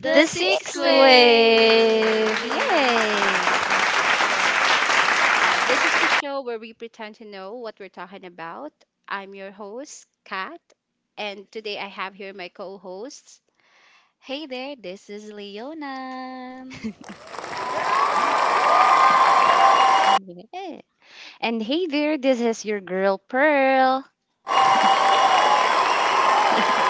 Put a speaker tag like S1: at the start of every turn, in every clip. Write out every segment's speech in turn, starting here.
S1: the
S2: The
S3: The
S1: sixth
S3: Six
S2: sixth
S3: Way!
S1: wave.
S2: wave!
S1: Yay!
S2: Yay!
S1: So, this is the show where we pretend to know what we're talking about. I'm your host, Kat, and today I have here my co hosts.
S3: Hey there, this is Leona.
S2: Yeah. And hey there, this is your girl Pearl.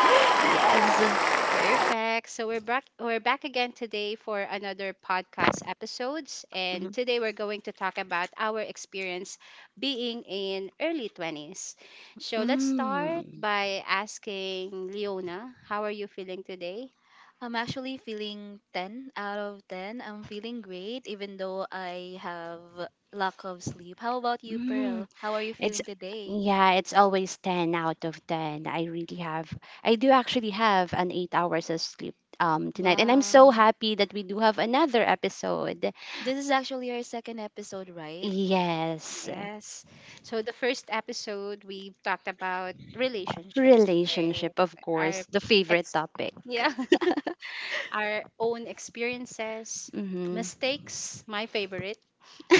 S2: Yes.
S1: Perfect. So we're back again today for another podcast episodes,
S2: Mhm.
S1: and today we're going to talk about our experience being in early 20s. So let's start
S2: Mm.
S1: by asking Leona, how are you feeling today?
S3: I'm actually feeling 10 out of 10. I'm feeling great, even though I have lack of sleep. How about you,
S2: Mm.
S3: Pearl? How are you
S2: It's
S3: feeling today?
S2: yeah, it's always 10 out of 10. I do actually have an 8 hours of sleep tonight, and I'm so
S3: Wow.
S2: happy that we do have another episode.
S3: This is actually our second episode, right?
S2: Yes.
S1: Yes. So the first episode we talked about relationships.
S2: Relationship, of
S1: Our
S2: course, the favorite
S1: ex,
S2: topic.
S1: yeah, our own experiences,
S2: Mhm.
S1: mistakes, my favorite,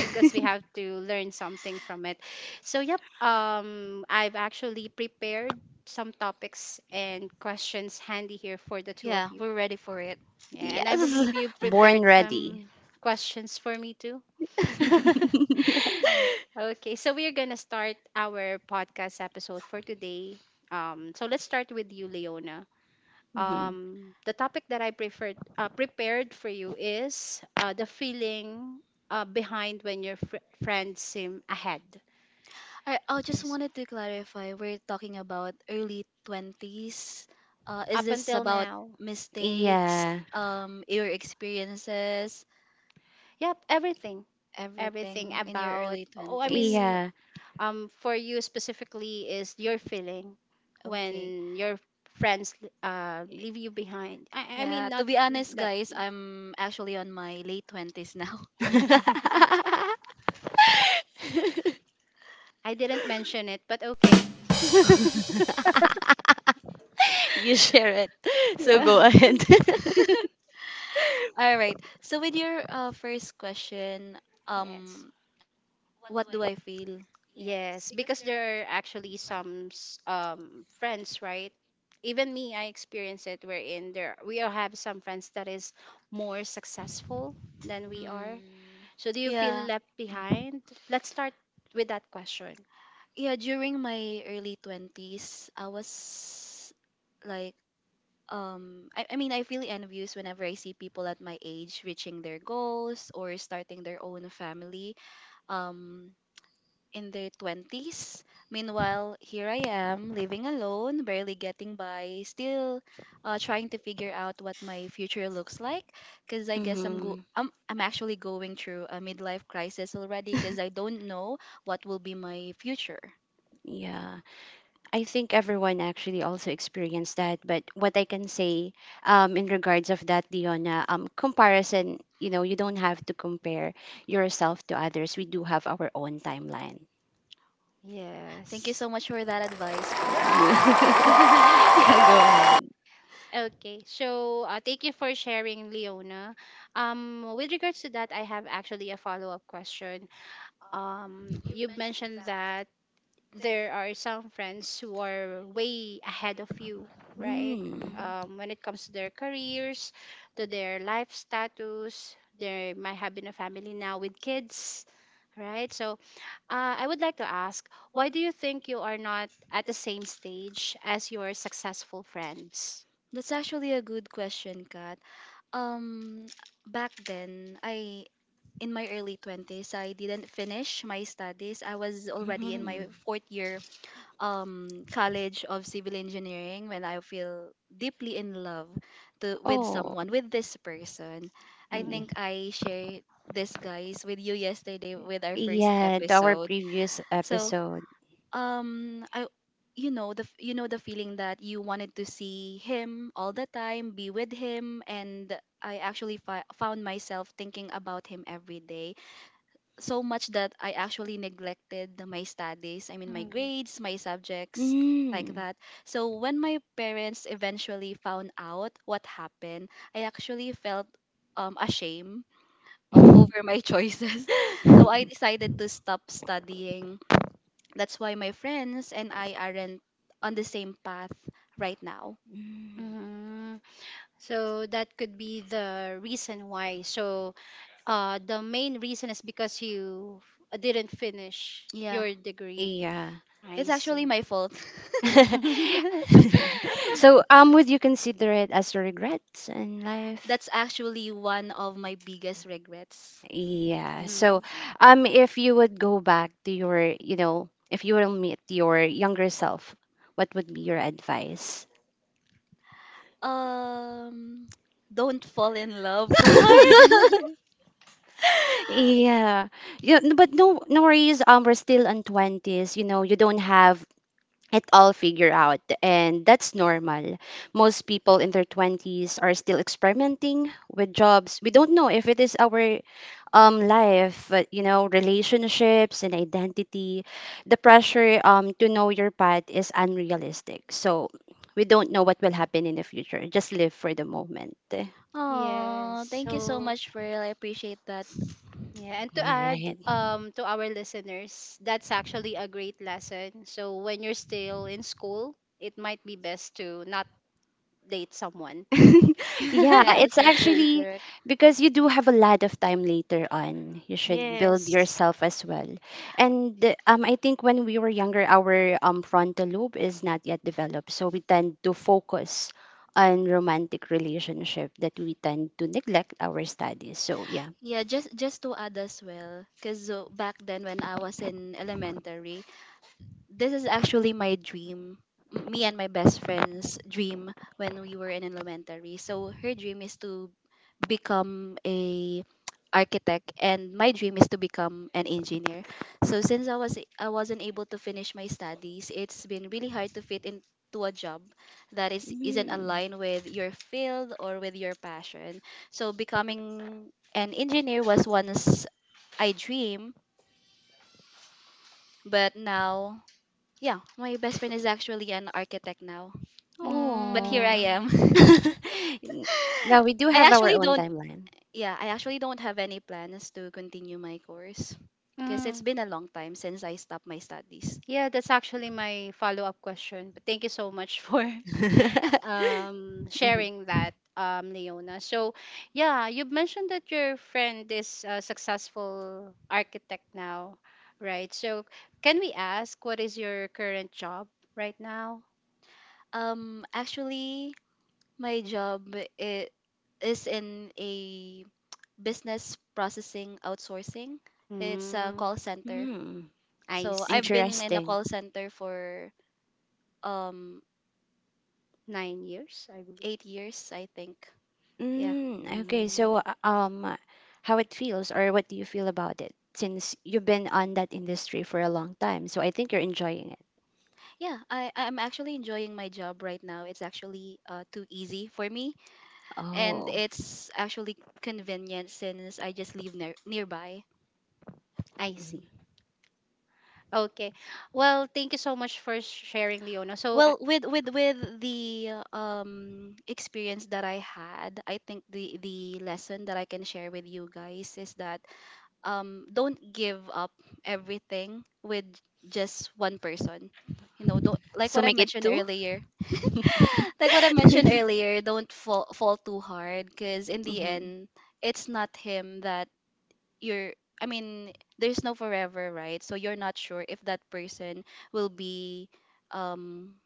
S1: because we have to learn something from it. So, yep, I've actually prepared some topics and questions handy here for the two of
S3: Yeah,
S1: you.
S3: we're ready for it.
S1: Yeah, and I
S2: Yes.
S1: believe you
S2: Born
S1: prepared
S2: ready.
S1: some questions for me too. Okay, so we're gonna start our podcast episode for today. So let's start with you, Leona.
S2: Mhm.
S1: The topic that I preferred prepared for you is the feeling behind when your friends seem ahead.
S3: I just
S1: Yes.
S3: wanted to clarify. We're talking about early 20s. Is
S1: Up
S3: this
S1: until
S3: about
S1: now.
S3: mistakes,
S2: Yeah.
S3: your experiences,
S1: Yep, everything. Everything
S3: everything in your
S1: about
S3: early 20s?
S2: Yeah.
S1: for you specifically is your feeling
S3: Okay.
S1: when your friends
S3: Y-
S1: leave you behind. I I
S3: Yeah,
S1: mean
S3: to
S1: not
S3: be honest,
S1: left.
S3: guys, I'm actually on my late 20s now.
S1: I didn't mention it, but okay.
S2: You share it. So
S1: Yeah.
S2: go ahead.
S3: All right. So with your first question,
S1: Yes.
S3: um, what do I feel?
S1: Yes, because there are actually some friends, right? Even me, I experience it wherein there we all have some friends that is more successful than we are.
S3: Mm,
S1: So do you feel
S3: yeah.
S1: left behind? Let's start with that question.
S3: Yeah, during my early 20s, I was like I feel envious whenever I see people at my age reaching their goals or starting their own family um in their 20s. Meanwhile, here I am living alone, barely getting by, still trying to figure out what my future looks like, because i guess i'm go
S2: Mhm.
S3: I'm, I'm actually going through a midlife crisis already because I don't know what will be my future.
S2: Yeah, I think everyone actually also experienced that. But what I can say, in regards of that, Diona, comparison, you know, you don't have to compare yourself to others. We do have our own timeline.
S3: Thank you
S1: Yes.
S3: so much for that advice, Pearl.
S2: Yeah, go ahead.
S1: Okay, so thank you for sharing, Leona. With regards to that, I have actually a follow-up question. You mentioned that there are some friends who are way ahead of you, right?
S2: Mm.
S3: Mhm.
S1: When it comes to their careers, to their life status, they might have been a family now with kids, right? So I would like to ask, why do you think you are not at the same stage as your successful friends?
S3: That's actually a good question, Kat. Um, back then, I in my early 20s, I didn't finish my studies. I was already in my
S2: Mhm.
S3: fourth year college of civil engineering when I feel deeply in love to with
S2: Oh.
S3: someone, with this person. I
S2: Yeah.
S1: Mhm.
S3: think I shared this, guys, with you yesterday with our first
S2: Yeah, to our
S3: episode.
S2: previous
S3: So
S2: episode.
S3: I you know you know the feeling that you wanted to see him all the time, be with him, and I actually found myself thinking about him every day, so much that I actually neglected my studies. I mean, my
S1: Mhm.
S3: grades, my subjects, like
S2: Mm.
S3: that. So when my parents eventually found out what happened, I actually felt ashamed over my choices. So I decided to stop studying. That's why my friends and I aren't on the same path right now.
S2: Mm.
S1: Mhm. So that could be the reason why. So the main reason is because you didn't finish
S3: Yeah,
S1: your degree.
S2: Yeah.
S1: I
S3: it's actually
S1: see.
S3: my fault.
S2: So, would you consider it as a regret in
S3: That's
S2: life?
S3: actually one of my biggest regrets.
S2: Yeah. So, if you would go back to your, you know, if you will meet your younger self, what would be your advice?
S3: Um, don't fall in love too hard.
S1: Mhm.
S2: Yeah. But no worries. We're still in 20s, you know, you don't have it all figured out, and that's normal. Most people in their 20s are still experimenting with jobs. We don't know if it is our life, but you know, relationships and identity. The pressure to know your path is unrealistic. So we don't know what will happen in the future. Just live for the moment.
S1: Yes.
S3: Oh, thank you so
S1: So
S3: much, Pearl. I appreciate that.
S1: yeah, and
S2: All
S1: to add
S2: right.
S1: to our listeners, that's actually a great lesson. So when you're still in school, it might be best to not date someone.
S2: Yeah,
S3: Yeah, that's
S2: it's
S3: actually
S2: actually
S3: correct.
S2: because you do have a lot of time later on. You should build
S1: Yes.
S2: yourself as well. And I think when we were younger, our frontal lobe is not yet developed. So we tend to focus on romantic relationship that we tend to neglect our studies. So yeah.
S3: Yeah, just to add as well, because back then when I was in elementary, this is actually my dream. Me and my best friend's dream when we were in elementary. So her dream is to become a architect, and my dream is to become an engineer. So since I wasn't able to finish my studies, it's been really hard to fit into a job that is isn't
S2: Mm.
S3: aligned with your field or with your passion. So becoming an engineer was once I dream, but now, yeah, my best friend is actually an architect now. But here
S2: Oh.
S3: I
S1: Mm.
S3: am.
S2: Now we do
S1: Mm.
S3: I
S2: have our
S3: actually
S2: own
S3: don't
S2: timeline.
S3: Yeah, I actually don't have any plans to continue my course because it's
S1: Mm.
S3: been a long time since I stopped my studies.
S1: Yeah, that's actually my follow-up question. But thank you so much for
S2: Mhm.
S1: sharing that, Leona. So, yeah, you mentioned that your friend is a successful architect now, right? So, can we ask what is your current job right now?
S3: Um, actually, my job i- is in a business processing outsourcing. It's a
S1: Mm,
S3: call center.
S2: Mm,
S1: I
S3: So
S1: see.
S3: I've been in a
S2: interesting.
S3: call center for um
S1: 9 years, I believe.
S3: 8 years, I think. Yeah.
S2: Mm, okay,
S1: Mm,
S2: so how it feels, or what do you feel about it since you've been on that industry for a long time? So I think you're enjoying it.
S3: Yeah, I'm actually enjoying my job right now. It's actually too easy for me, and
S2: Oh,
S3: it's actually convenient since I just live nearby.
S1: I see.
S2: mhm.
S1: Okay. Well, thank you so much for sharing, Leona. So,
S3: Well, with the experience that I had, I think the lesson that I can share with you guys is that don't give up everything with just one person. You know, don't, like
S2: So
S3: what I
S2: make it
S3: mentioned
S2: two.
S3: earlier. Like what I mentioned earlier, don't fall too hard, because in the
S2: Mhm,
S3: end, it's not him that you're. I mean, there's no forever, right? So you're not sure if that person will be, um,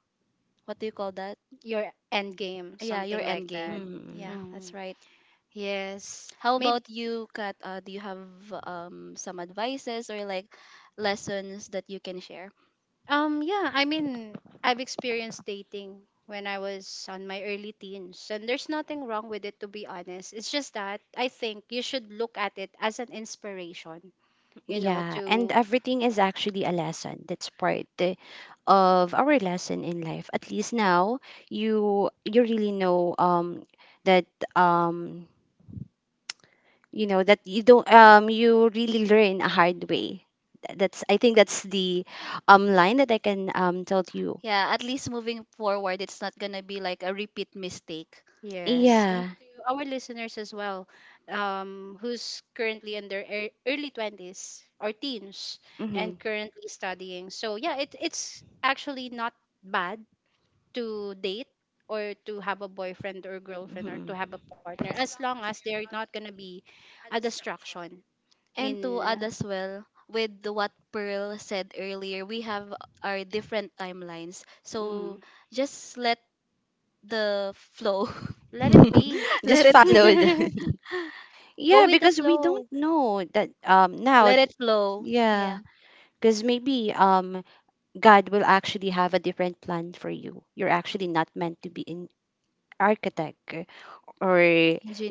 S3: what do you call that?
S1: your end game,
S3: Yeah, your
S1: something
S3: end
S1: like that.
S3: game.
S2: mhm.
S3: Yeah,
S1: Mm.
S3: that's right.
S1: Yes,
S3: How
S1: maybe.
S3: about you, Kat? Do you have some advices, or like lessons that you can share?
S1: Yeah, I mean, I've experienced dating when I was on my early teens, and there's nothing wrong with it, to be honest. It's just that I think you should look at it as an inspiration, you know,
S2: Yeah, and
S1: to.
S2: everything is actually a lesson. That's part of our lesson in life. At least now you really know that um you know that you don't you really learn a hard way. That's, I think, that's the line that I can tell to you.
S3: Yeah, at least moving forward, it's not gonna be like a repeat mistake, right?
S1: Yes, and
S2: Yeah.
S1: to our listeners as well, who's currently in their early 20s or teens
S2: Mm-hmm.
S1: and currently studying. So yeah, it's actually not bad to date or to have a boyfriend or girlfriend or
S2: Hmm.
S1: to have a partner as long as they're not going to be a distraction
S3: And to
S1: in.
S3: add as well, with what Pearl said earlier, we have our different timelines. So
S1: Mhm.
S3: just let the flow.
S1: Let it be.
S3: Let
S2: Just
S3: it be.
S2: followed.
S1: Go
S2: Yeah,
S1: with the
S2: because we don't
S1: flow.
S2: know that now.
S3: Let
S2: Th-
S3: it flow. Yeah.
S2: Yeah, because maybe God will actually have a different plan for you. You're actually not meant to be an architect, or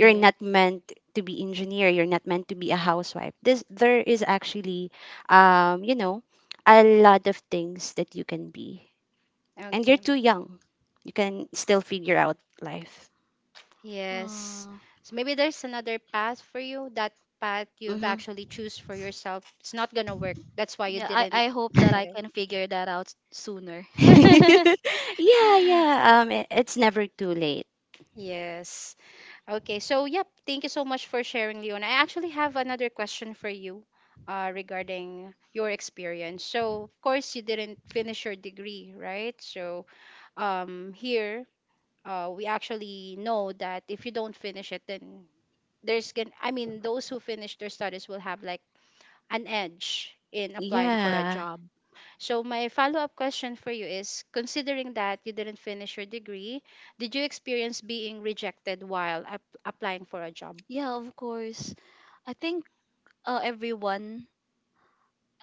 S2: you're not meant to be engineer. You're not meant to be a housewife. This There is actually you know a lot of things that you can be, and you're
S1: Okay.
S2: too young. You can still figure out life.
S1: Yes.
S3: Uh,
S1: So maybe there's another path for you. That path you've
S2: Mm-hmm.
S1: actually choose for yourself. It's not gonna work. That's why you
S3: yeah,
S1: didn't
S3: I hope that
S1: get
S3: I
S1: it.
S3: can figure that out sooner.
S2: Yeah, yeah. It's never too late.
S1: Yes. Okay. So yep. Thank you so much for sharing, Leon. I actually have another question for you, regarding your experience. So of course you didn't finish your degree, right? So here we actually know that if you don't finish it, then there's gonna, I mean, those who finish their studies will have like an edge in applying for a
S2: Yeah,
S1: job. So, my follow up question for you is considering that you didn't finish your degree, did you experience being rejected while applying for a job?
S3: Yeah, of course. I think everyone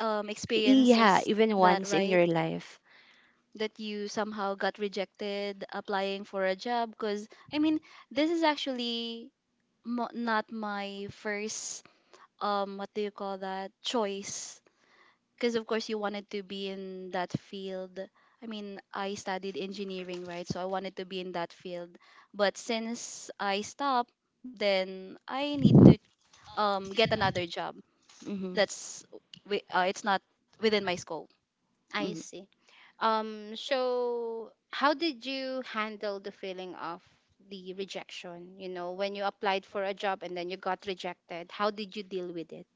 S2: yeah.
S3: experiences
S2: Even
S3: that,
S2: once in
S3: right?
S2: your life.
S3: That you somehow got rejected applying for a job, because I mean, this is actually not my first what do you call that, choice? Because of course you wanted to be in that field. I mean, I studied engineering, right? So I wanted to be in that field, but since I stopped, then I need to get another job
S2: Mm-hmm.
S3: that's it's not within my scope.
S1: I
S2: Mm.
S1: see. So, how did you handle the feeling of the rejection? You know, when you applied for a job and then you got rejected, how did you deal with it?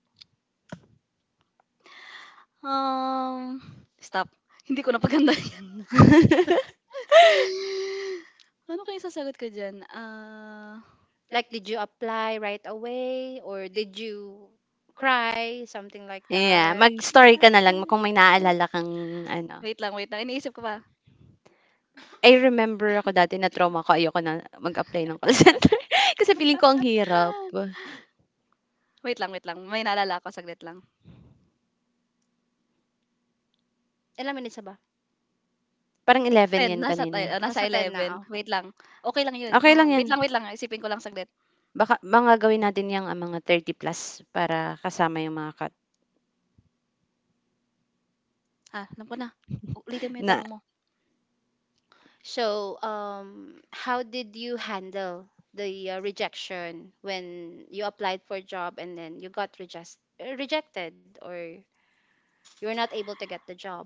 S3: Um stop hindi ko napaganda. Ano kayang sasagot ko diyan, ah,
S1: Like, did you apply right away or did you cry? Something like
S2: Yeah,
S1: that.
S2: mag-story ka na lang kung may naaalala kang ano.
S3: wait lang iniisip ko pa.
S2: I remember ako dati na trauma ko, ayoko na mag-apply ng call center. Kasi feeling ko ang hirap.
S3: Wait lang may naalala ako saglit lang.
S1: Ilang minutes na ba?
S2: Parang 11
S3: Ten
S2: yan
S3: nasa te
S2: kanina.
S3: o nasa
S1: Nasa 10 na.
S3: 11,
S1: Okay.
S3: wait lang, okay lang 'yun.
S2: Okay lang
S1: Oo.
S2: yan.
S3: Wait lang isipin ko lang saglit.
S2: Baka mga gawin natin yung ah, mga 30 plus para kasama yung mga cut.
S3: Ah, alam ko na, ulitin mo 'yung
S2: Na,
S3: tanong mo.
S1: So, how did you handle the rejection when you applied for a job and then you got rejected or you were not able to get the job?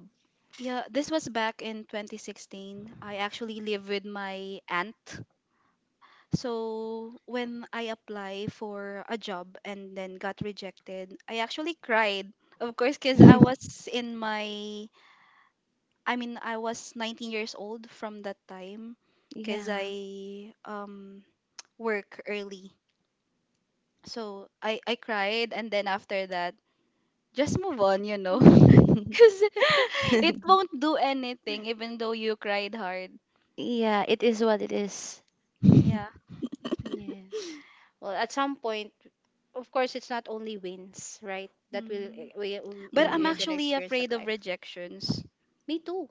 S3: Yeah, this was back in 2016. I actually live with my aunt. So when I apply for a job and then got rejected, I actually cried. Of course, 'cause I was in my, I mean, I was 19 years old from that time, because
S2: yeah.
S3: I work early. So I cried, and then after that, just move on, you know? Because it won't do anything, even though you cried hard.
S2: Yeah, it is what it is. Yeah.
S3: Yeah.
S1: Yes. Well, at some point, of course, it's not only wins, right? That will
S3: Mm.
S1: we we
S3: But I'm
S1: we are gonna
S3: actually
S1: experience that
S3: afraid of
S1: life.
S3: rejections.
S1: Me too.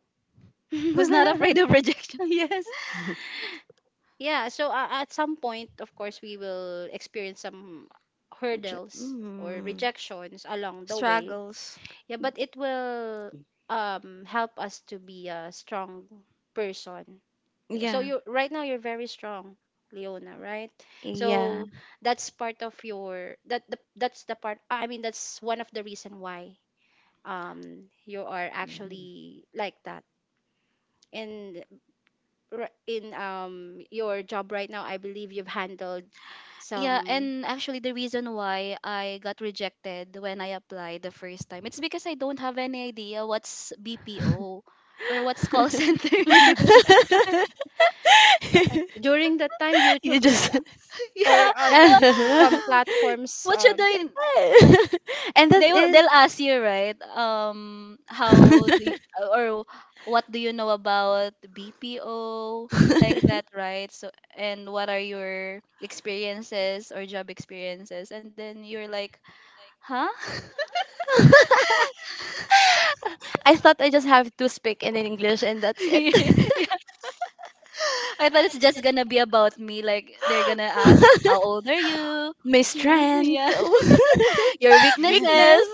S3: Who's not afraid of rejection?
S1: Yes. Yeah. So at some point, of course, we will experience some hurdles or
S2: Mm.
S1: rejections along the way.
S3: Struggles.
S1: Yeah, but it will help us to be a strong person, so
S2: Yeah.
S1: you right now you're very strong, Leona, right?
S2: Yeah.
S1: So that's part of your that the, that's the part I mean that's one of the reason why you are
S2: Mm.
S1: actually like that. And in your job right now I believe you've handled
S3: Yeah,
S1: some
S3: and actually the reason why I got rejected when I applied the first time, it's because I don't have any idea what's BPO or what's call center.
S1: during that time
S2: You
S1: YouTube is
S2: just
S1: or
S3: Yeah.
S1: some
S2: and
S3: wha-
S1: platforms,
S3: What should I, like,
S2: that
S3: they will
S2: is
S3: they'll ask you, right? Um, how do you, or what do you know about BPO, like that, right? So and what are your experiences or job experiences? And then you're like, "Huh?"
S2: I thought I just have to speak in English and that's it.
S3: Yeah. I thought it's just gonna be about me. Like they're gonna ask, "How old are you?"
S2: My
S3: Yeah,
S2: strength,
S3: yeah. Your weaknesses.
S2: weakness.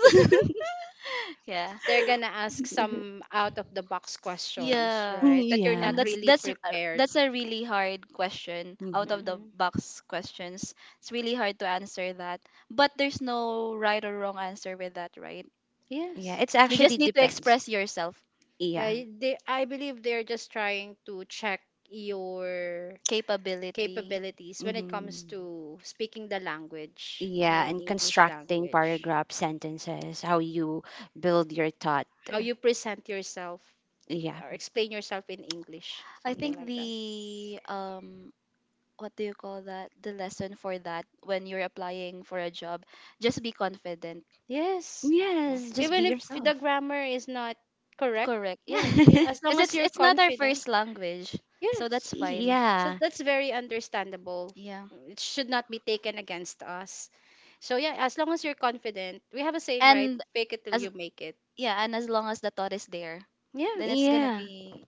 S3: Yeah,
S1: they're gonna ask some out of the box questions,
S3: yeah.
S1: right? That you're not
S3: And
S2: Yeah.
S3: that's
S1: really prepared.
S3: that's a really hard question,
S2: Mhm.
S3: out of the
S1: Mm-mm.
S3: box questions. It's really hard to answer that, but there's no right or wrong answer with that, right?
S2: Yeah,
S1: Yes.
S2: it's
S3: You just
S2: actually
S3: need to
S2: depends.
S3: express yourself,
S1: Yeah,
S2: Yeah.
S1: they, I believe they're just trying to check your
S3: capability.
S1: capabilities when it
S2: Mhm.
S1: comes to speaking the language,
S2: Yeah, and
S1: English
S2: constructing
S1: language,
S2: paragraph sentences, how you build your thought.
S1: how
S2: Yeah.
S1: you present yourself
S2: Yeah.
S1: or explain yourself in English,
S3: I
S1: something
S3: think
S1: like that.
S3: the what do you call that? The lesson for that when you're applying for a job, just be confident.
S1: Yes,
S3: Yeah.
S2: Yes, just be
S1: even if
S2: yourself.
S1: the grammar is not correct,
S3: Correct. Yeah.
S1: yeah, as long
S3: Cuz
S1: as
S3: it's
S1: you're
S3: not our
S1: confident,
S3: first language. So that's
S1: yes.
S3: fine.
S1: So
S2: Yeah.
S1: that's very understandable.
S3: Yeah.
S1: It should not be taken against us. So yeah, as long as you're confident, we have a saying, right?
S3: And
S1: Fake it till you
S3: as
S1: make it.
S3: Yeah, and as long as the thought is there,
S1: Yeah.
S3: then it's going to
S2: Yeah.
S3: be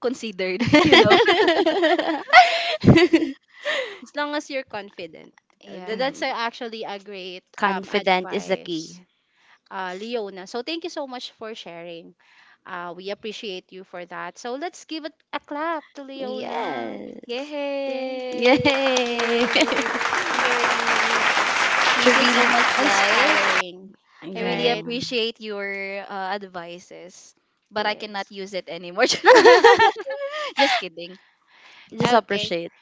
S3: considered, you know.
S1: As long as you're confident. Uh, tha-
S3: Yeah.
S1: That's uh,
S2: Mhm.
S1: actually a great
S2: Confident is the
S1: advice.
S2: key.
S1: Leona. So thank you so much for sharing. We appreciate you for that. So let's give it a clap to Leona.
S2: Yes.
S1: Yay.
S3: Yay!
S1: It's
S2: Yay.
S1: very
S2: She
S3: Thank you so much,
S2: really,
S3: guys.
S1: inspiring,
S3: I really
S2: yeah.
S1: right?
S3: appreciate your advices, but I cannot
S1: Yes.
S3: use it anymore. Just kidding.
S2: Just
S1: Okay.
S2: appreciate.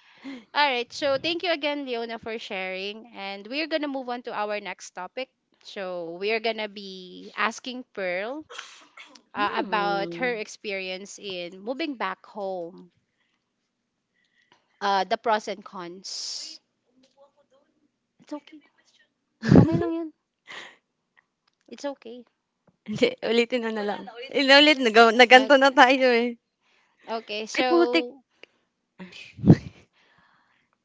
S1: All right. So thank you again, Leona, for sharing. And we're going to move on to our next topic. So we're going to be asking Pearl about her
S2: Hmm.
S1: experience in moving back home, the pros and cons. It's okay. Okay lang yun. It's okay.
S2: Hindi, ulitin mo na lang. Inulit, nag
S1: Uh,
S2: naganto na tayo eh.
S1: Okay,
S2: Ay, putik.
S1: so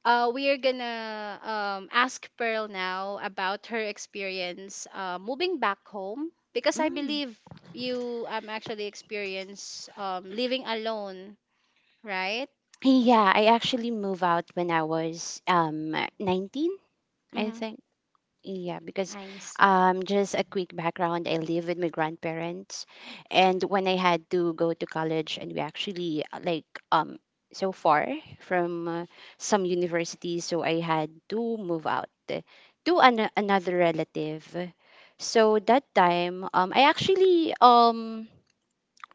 S1: we are gonna ask Pearl now about her experience moving back home, because I
S2: Mm.
S1: believe you actually experience living alone, right?
S2: Yeah, I actually moved out when I was 19, I
S1: Mm-hmm.
S2: think. Yeah, because
S1: I see.
S2: just a quick background, I live with my grandparents, and when I had to go to college, and we actually like um so far from some universities, so I had to move out to another relative. So that time, I actually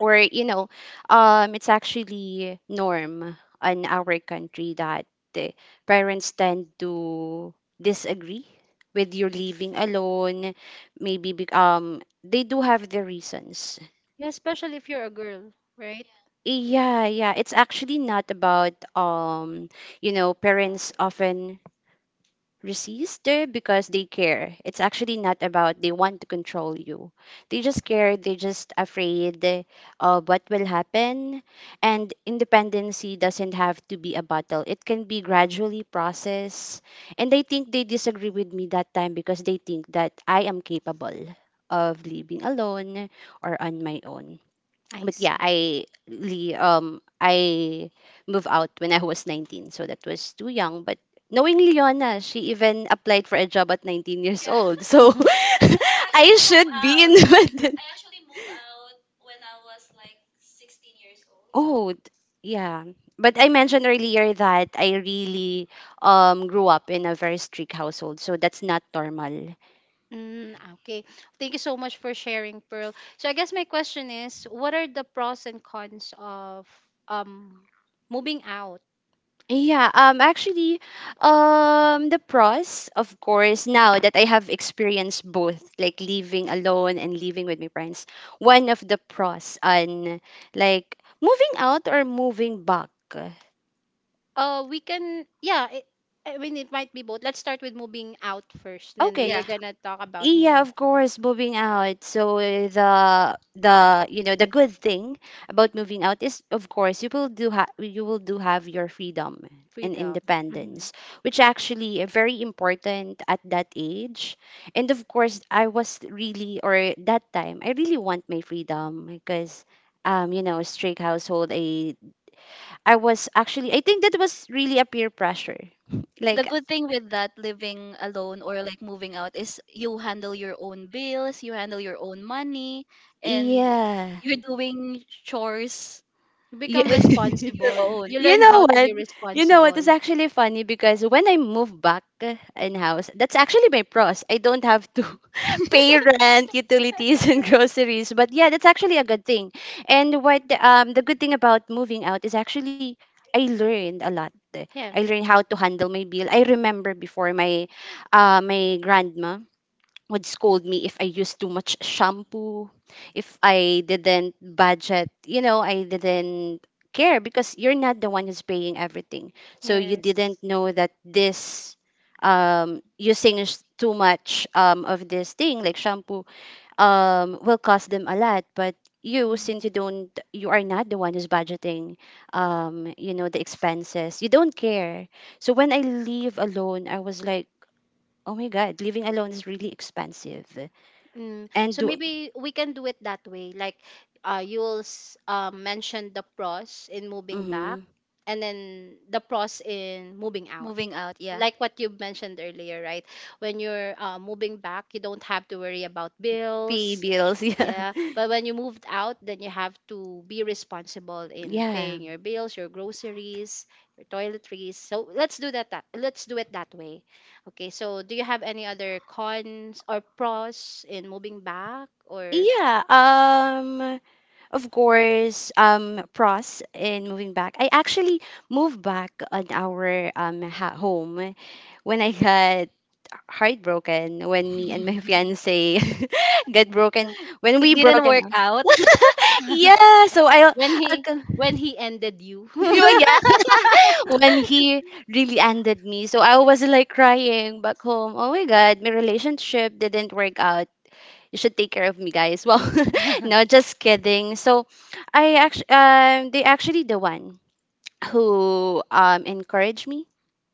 S2: or you know it's actually norm in our country that the parents tend to disagree with your living alone, maybe they do have their reasons.
S1: Yeah, especially if you're a girl, right?
S2: Yeah, yeah, it's actually not about you know parents often resistor because they care. It's actually not about they want to control you. They just care, they just afraid of what will happen. And independency doesn't have to be a battle. It can be gradually processed. And I think they disagree with me that time because they think that I am capable of living alone or on my own.
S1: I
S2: But
S1: see.
S2: yeah, I really I moved out when I was 19, so that was too young. But knowing Leona, she even applied for a job at 19 years old, so
S1: Mhm.
S2: I should be independent. Oh, yeah. But I mentioned earlier that I really grew up in a very strict household, so that's not normal.
S1: Mm, okay. Thank you so much for sharing, Pearl. So I guess my question is, what are the pros and cons of um moving out?
S2: Yeah, actually the pros, of course, now that I have experienced both like living alone and living with my friends, one of the pros on like moving out or moving back.
S1: We can, yeah. I mean, it might be both. Let's start with moving out first, then
S2: Okay.
S1: we are
S3: Yeah.
S1: gonna talk about
S2: Yeah,
S1: moving.
S2: of course, moving out. So the you know the good thing about moving out is, of course, you will you will do have your freedom and
S1: Freedom. Mhm.
S2: independence, which actually are very important at that age. And of course, I was really or that time I really want my freedom because you know strict household. I was actually, I think that was really a peer pressure,
S3: The
S2: like
S3: good thing with that, living alone or like moving out, is you handle your own bills, you handle your own money, and
S2: yeah.
S3: you're doing chores
S1: You
S2: You,
S1: become
S3: with your
S1: responsible.
S3: own,
S1: You
S2: you
S1: learn
S3: right?
S1: how
S2: know
S1: to
S2: what?
S1: be
S2: You know what is
S1: responsible.
S2: actually funny, because when I move back in house, that's actually my pros. I don't have to pay rent, utilities, and groceries. But yeah, that's actually a good thing. And what the good thing about moving out is actually I learned a lot. I
S1: Yeah.
S2: learned how to handle my bill. I remember before my grandma would scold me if I used too much shampoo, if I didn't budget, you know, I didn't care because you're not the one who's paying everything. So you
S1: Yes.
S2: didn't know that this using too much of this thing like shampoo will cost them a lot, but you since
S3: Mm.
S2: you don't, you are not the one who's budgeting, you know, the expenses, you don't care. So when I leave alone, I was like, oh my god, living alone is really expensive.
S1: Mm.
S2: And
S1: So
S2: do
S1: maybe we can do it that way. Like, you'll mention the pros in moving
S2: Mm-hmm.
S1: back, and then the pros in moving out.
S3: Moving out, yeah.
S1: Like what you mentioned earlier, right? When you're moving back, you don't have to worry about
S2: Pay
S1: bills.
S2: bills. Yeah.
S1: Yeah, but when you moved out, then you have to be responsible in
S2: Yeah,
S1: paying your bills, your groceries, your toiletries. So let's do that, let's do it that way. Okay, so do you have any other cons or pros in moving back or
S2: yeah, of course, pros in moving back, I actually moved back on our home when I got heartbroken, when me and my fiance got broken, when
S3: It
S2: we
S3: didn't
S2: broken
S3: work
S2: up.
S3: out.
S2: Yeah, so
S1: when
S2: I
S1: he ended you?
S2: you. Yun, yeah. When he really ended me. So I was like crying back home. Oh my god, my relationship didn't work out. You should take care of me, guys. Well, no, just kidding. So I actually, they actually the one who encouraged me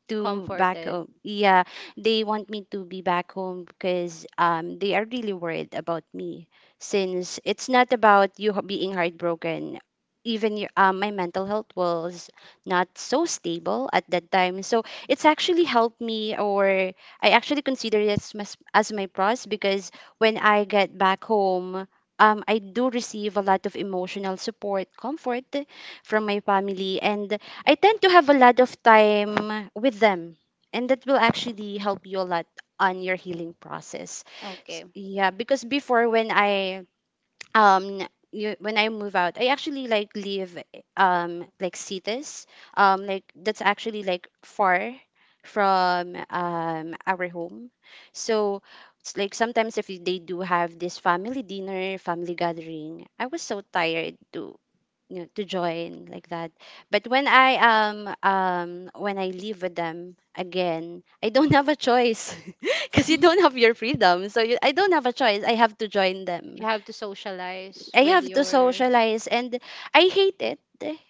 S2: to back
S1: Comforted.
S2: home. Yeah, they want me to be back home because they are really worried about me, since it's not about being heartbroken. Even my mental health was not so stable at that time, so it's actually helped me, or I actually consider it as, as my pros, because when I get back home, I do receive a lot of emotional support, comfort from my family, and I tend to have a lot of time with them, and that will actually help you a lot on your healing process.
S1: Okay.
S2: Yeah, because before when um when I move out, I actually like live like cities like that's actually like far from our home. So it's like sometimes if they do have this family dinner, family gathering, I was so tired to you know, to join like that. But when I live with them again, I don't have a choice because you don't have your freedom. So I don't have a choice. I have to join them.
S1: You have to socialize
S2: I
S1: with
S2: have to
S1: your.
S2: socialize, and I hate it.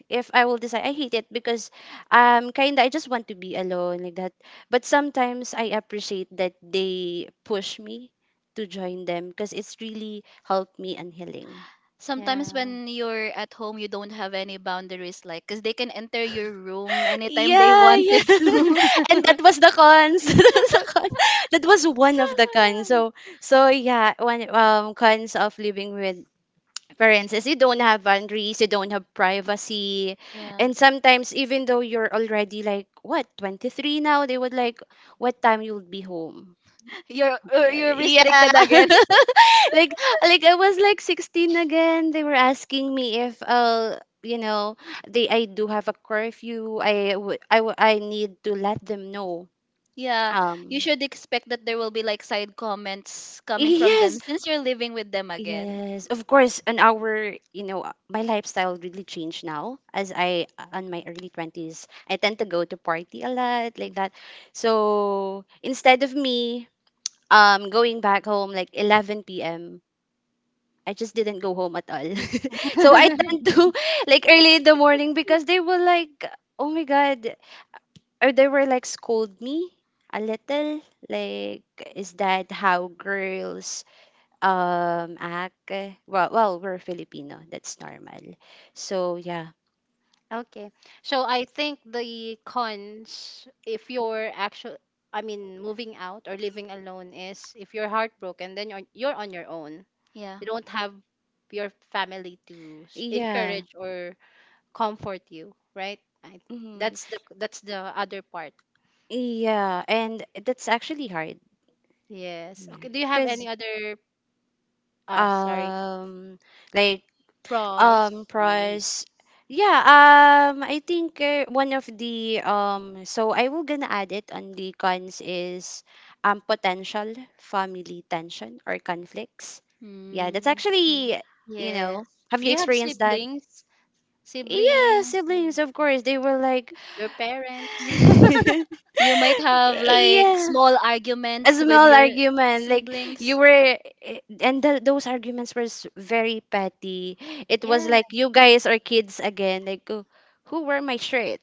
S2: If I will decide, I hate it because kinda I just want to be alone like that. But sometimes I appreciate that they push me to join them because it's really helped me and healing.
S3: Sometimes when you're at home, you don't have any boundaries, like, because they can enter your room anytime they
S2: Yeah, yeah.
S3: wanted to.
S1: Yeah.
S2: And that was the cons. That was the con. That was one of the cons. So so yeah, one cons of living with parents is you don't have boundaries, you don't have privacy,
S3: Yeah.
S2: and sometimes even though you're already like what 23 now, they would like what time you'll be home.
S3: You're
S2: Yeah.
S3: restricted again.
S2: like like I was like 16 again. They were asking me if I'll, they I do have a curfew. I would I, w- I, w- I need to let them know
S3: Yeah.
S2: you
S3: You
S2: should
S3: should expect that there will be, like, side comments coming
S2: company.
S3: from them
S2: Yes,
S3: since you're living with them again.
S2: yes, of course. And our, my lifestyle really changed now. As I, on my early 20s, I tend to go to party a lot, like that. So instead of me going back home like 11 p.m., I just didn't go home at all. So I tend to like early in the morning because they were like, oh my God, or they were like scold me a little. Like, is that how girls ake. Well, we're Filipino, that's normal, so yeah.
S1: Okay. So I think the cons if you're actually I mean moving out or living alone is if you're heartbroken then you're on your own.
S3: Yeah.
S1: You don't have your family to
S2: Yeah.
S1: encourage or comfort you, right?
S2: Mhm.
S1: That's the other part.
S2: Yeah, and that's actually hard.
S1: Yes.
S2: Yeah,
S1: Okay, do you have
S2: because
S1: any
S2: yeah.
S1: other. Ah, sorry,
S2: um like,
S1: pros moving?
S2: price. Yeah, I think one of the I will gonna add it on the cons is potential family tension or conflicts. Yeah, that's
S3: Mm, yeah.
S2: actually, you
S1: Yes.
S2: know, have
S1: Do
S2: you
S1: you have
S2: experienced that?
S1: siblings?
S2: Yeah,
S1: Siblings?
S2: siblings, of course. They were like
S1: Your parents?
S3: You might have like
S2: yeah,
S3: small
S2: a
S3: arguments with
S2: small
S3: your
S2: argument like
S3: siblings
S2: you were those arguments were very petty. It was
S1: Yeah.
S2: like you guys are kids again, like, "Oh, who wore my shirt?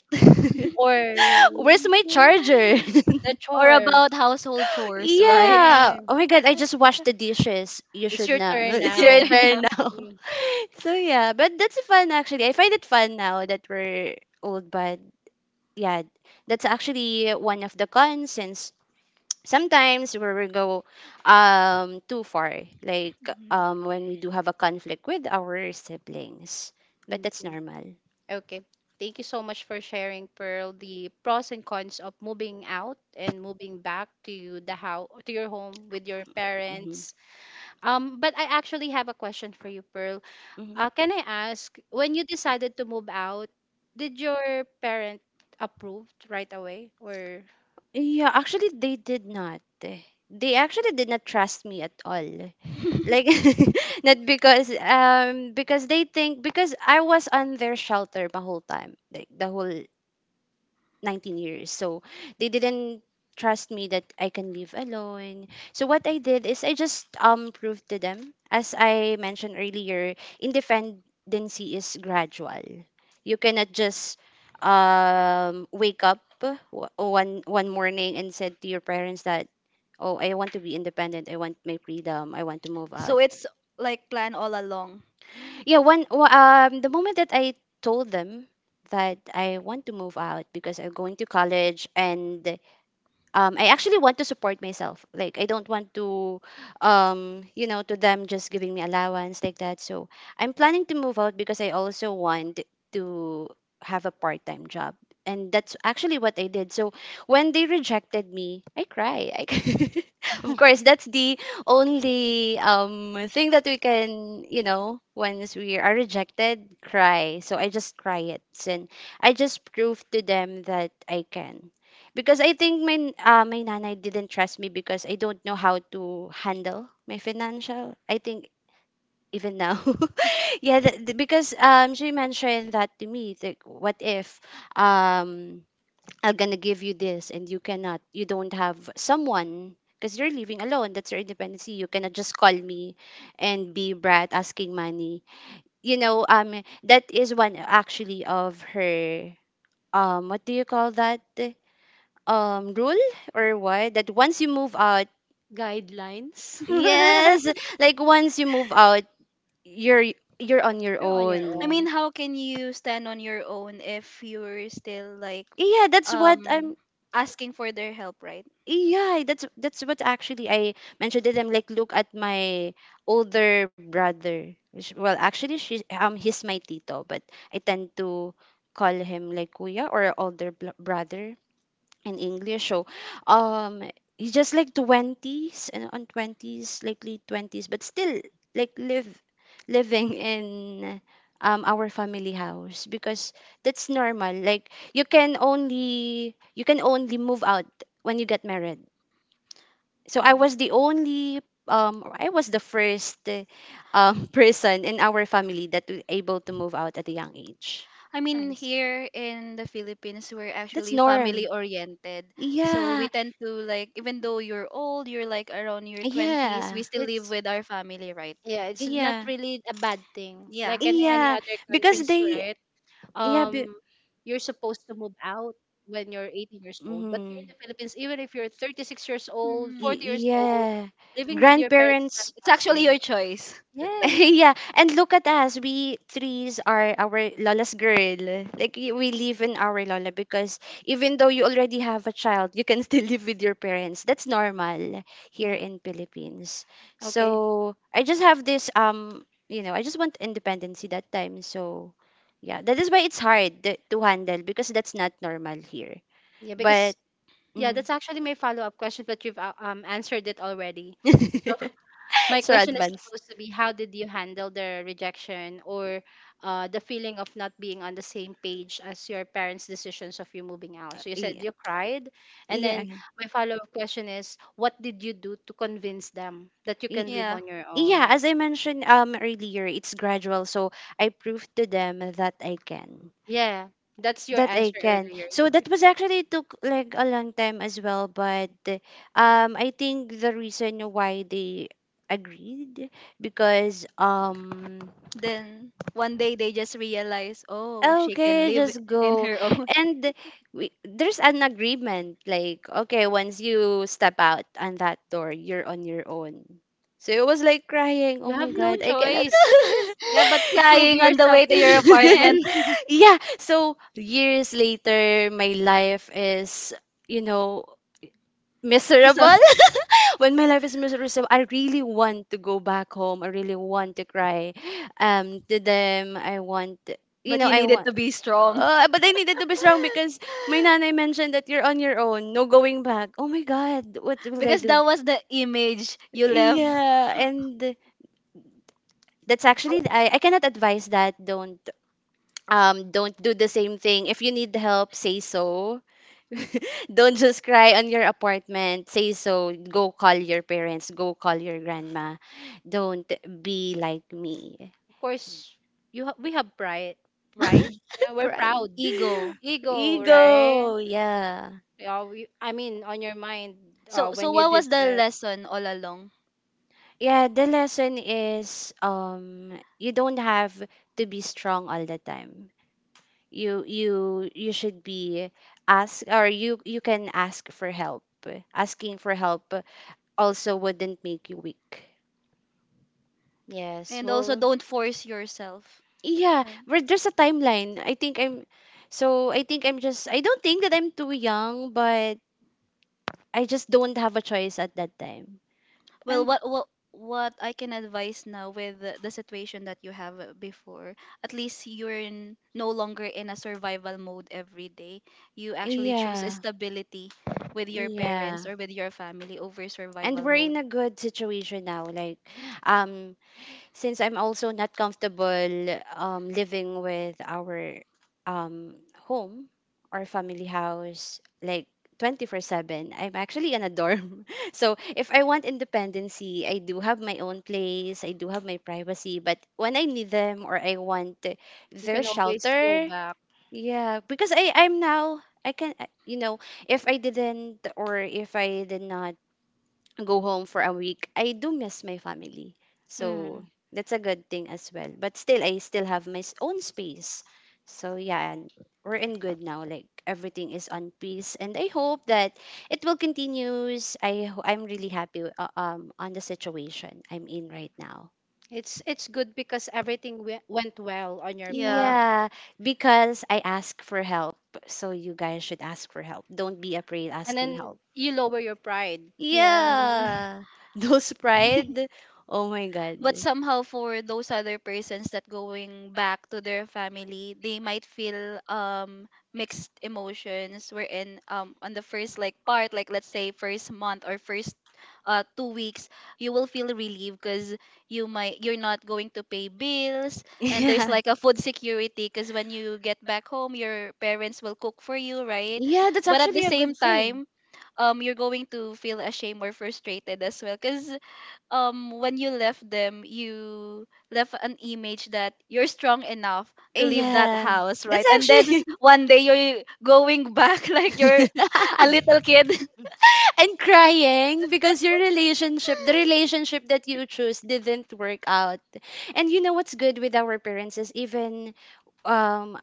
S1: Or
S2: Where's my charger?"
S1: the
S3: or
S1: chore.
S3: about household chores, right?
S2: Yeah,
S1: Yeah.
S2: oh my god, I just washed the dishes, you
S1: It's
S2: should
S1: your
S2: know.
S1: turn
S3: It's
S2: It's
S3: your
S2: your
S1: now.
S3: turn now.
S2: turn now.
S1: Mm,
S2: So yeah, but that's fun, actually. I find it fun now that we're old. But yeah, that's actually one of the cons, since sometimes where we will go too far, like when we do have a conflict with our siblings. But that's
S1: okay.
S2: normal.
S1: Okay. Thank you so much for sharing, Pearl, the pros and cons of moving out and moving back to the house to your home with your
S2: Mhm.
S1: parents. But I actually have a question for you, Pearl.
S2: Mhm.
S1: Can I ask, when you decided to move out, did your parent approved right away or
S2: Yeah, actually, they did not. They actually did not trust me at all, like not because because they think because I was on their shelter the whole time, like the whole 19 years. So they didn't trust me that I can live alone. So what I did is I just proved to them, as I mentioned earlier, independency is gradual. You cannot just wake up one morning and said to your parents that, oh, I want to be independent. I want my freedom. I want to move out.
S3: So it's like plan all along.
S2: Yeah, the moment that I told them that I want to move out because I'm going to college, and I actually want to support myself. Like, I don't want to, to them just giving me allowance like that. So I'm planning to move out because I also want to have a part-time job, and that's actually what I did. So when they rejected me, I cry. Of course, that's the only thing that we can, you know, once we are rejected, cry. So I just cry it, and I just prove to them that I can, because I think my nanay didn't trust me because I don't know how to handle my financial. I think even now, yeah, because she mentioned that to me. Like, what if um I'm gonna give you this and you cannot, you don't have someone. Because you're living alone, that's your independency. You cannot just call me and be brat asking money. You know, that is one actually of her, what do you call that? Rule, or what, that once you move out.
S1: guidelines?
S2: Yes, like, once you move out, you're you're on your
S1: You're on your
S3: I
S2: own.
S3: mean,
S1: own.
S3: how can you stand on your own if you're still like
S2: Yeah, that's what
S3: um
S2: I'm.
S3: asking for their help, right?
S2: Yeah, that's what actually I mentioned, that I'm like, look at my older brother, which, well, actually, she he's my tito, but I tend to call him like kuya or brother in English. So, um, he's just like twenties and on twenties, like late 20s, but still like live living in our family house, because that's normal. Like, you can only move out when you get married. So
S1: Mm.
S2: I was the only or I was the first person in our family that was able to move out at a young age.
S3: I mean,
S1: I see.
S3: here in the Philippines, we're
S2: That's
S3: actually
S2: norm,
S3: family oriented. So we
S2: yeah.
S3: tend to like, even though you're old, you're like around your 20s,
S2: Yeah.
S3: we still live
S1: It's,
S3: with our family, right?
S1: yeah, it's not
S2: Yeah.
S1: really a bad thing.
S3: Yeah.
S1: Like in any
S2: Yeah,
S1: other
S2: because
S1: countries,
S2: they.
S1: right?
S2: Yeah, be,
S1: Um, you're supposed to move out when you're 18 years old. But
S2: mm,
S1: here in the Philippines, even if you're 36 years old,
S2: y-
S3: Mhm.
S1: 40 years old,
S2: yeah,
S1: living with your parents,
S2: grandparents.
S3: It's
S1: is a
S3: actually your
S1: thing.
S3: choice.
S1: Yeah.
S2: Yeah, and look at us. We threes are our Lola's girl. Like, we live in our Lola because even though you already have a child, you can still live with your parents. That's normal here
S3: Yeah.
S2: in Philippines.
S1: Okay.
S2: So I just have this you know, I just want independency that time. So yeah, that is why it's hard to handle, because that's not normal here.
S1: Yeah,
S2: But
S1: because. Yeah,
S2: mhm.
S1: that's actually my follow-up question, but you've answered it already. So my
S2: It's so
S1: question is
S2: advanced.
S1: supposed to be, how did you handle the rejection or the feeling of not being on the same page as your parents' decisions of you moving out? So you
S2: Yeah.
S1: said you cried, and then
S2: Yeah.
S1: my follow-up question is, what did you do to convince them that you can
S2: Yeah.
S1: live
S3: Yeah.
S1: on your
S2: Yeah,
S1: own?
S2: as I mentioned earlier, it's gradual. So I proved to them that I can.
S1: Yeah, that's your
S2: That I
S1: answer
S2: can.
S1: earlier.
S2: So
S1: You,
S2: that was actually took like a long time as well, but I think the reason why they agreed, because
S3: Then one day they just realize, oh, she can
S2: okay,
S3: live
S2: just
S3: in
S2: go.
S3: her own.
S2: And we, there's an agreement, like, okay, once you step out on that door, you're on your own. So it was like crying,
S1: you
S2: oh
S1: have
S2: my
S1: no
S2: god, I cannot.
S1: choice. Yeah, but to prove
S3: Crying on the
S1: yourself
S3: way to
S1: that
S3: your
S1: you can.
S3: apartment.
S2: Yeah, so years later my life is, you know,
S3: So.
S2: miserable. When my life is miserable, I really want to go back home. I really want to cry to them. I want, you
S3: But
S2: know,
S3: you
S2: I
S3: needed
S2: want.
S3: to be strong
S2: Uh, but I needed to be strong because my nanay mentioned that you're on your own, no going back. Oh my God, what will I
S3: because
S2: do?
S3: that was the image you left.
S2: Yeah, and that's
S1: Of cour-
S2: actually, I cannot advise that. Don't do the same thing. If you need help, say so. Don't just cry on your apartment. Say so, go call your parents, go call your grandma. Don't be like me.
S1: of course, we have pride. Pride.
S3: Mm.
S1: Yeah, we're
S2: Pride,
S1: proud.
S3: Ego.
S1: Ego, right?
S2: ego. Yeah.
S1: Yeah, I mean, on your mind,
S3: So so
S1: when you
S3: what
S1: did
S3: was the
S1: that.
S3: lesson all along?
S2: Yeah, the lesson is, you don't have to be strong all the time. You should be ask, or you can ask for help. Asking for help also wouldn't make you weak.
S1: Yes,
S3: And also
S1: well,
S3: don't force yourself.
S2: Yeah,
S3: Right.
S2: but there's a timeline. I think I'm just, I don't think that I'm too young, but I just don't have a choice at that time.
S3: Well,
S1: and
S3: what I can advise now with the situation that you have before, at least you're no longer in a survival mode every day. You actually choose a
S2: Yeah.
S3: stability with your
S2: Yeah.
S3: parents or with your family over
S2: And
S3: survival
S2: we're in
S3: mode.
S2: a good situation now. Like, um, since I'm also not comfortable living with our um, home or family house like 24/7, I'm actually in a dorm. So if I want independency, I do have my own place, I do have my privacy. But when I need them or I want
S1: you
S2: their
S1: can always go
S2: shelter,
S1: back.
S2: yeah, because I'm now. You know, if I didn't, or if I did not go home for a week, I do miss my family. So
S1: Mm.
S2: that's a good thing as well. But still, I still have my own space. So yeah, and we're in good now. Like, everything is on peace, and I hope that it will continues. I'm really happy on the situation I'm in right now.
S1: It's good because everything went well on your
S3: Yeah.
S1: part,
S2: Yeah, because I ask for help. So you guys should ask for help. Don't be afraid
S1: and
S2: asking
S1: then
S2: help.
S1: you lower your pride.
S3: Yeah.
S1: Mm.
S2: Yeah. Those pride. Oh my god.
S3: But somehow for those other persons that going back to their family, they might feel mixed emotions wherein on the first like part, like let's say first month or first 2 weeks, you will feel relieved because you might you're not going to pay bills and there's
S2: Yeah.
S3: like a food security because when you get back home your parents will cook for you, right?
S2: Yeah, that's
S3: But at the
S2: actually a
S3: same
S2: good thing.
S3: time, you're going to feel ashamed or frustrated as well, because when you left them, you left an image that you're strong enough to leave that
S2: Yeah.
S3: house,
S2: That's
S3: right? And then
S2: actually
S3: one day you're going back like you're a little kid.
S2: and crying because your relationship, the relationship that you choose didn't work out. And you know what's good with our parents is even um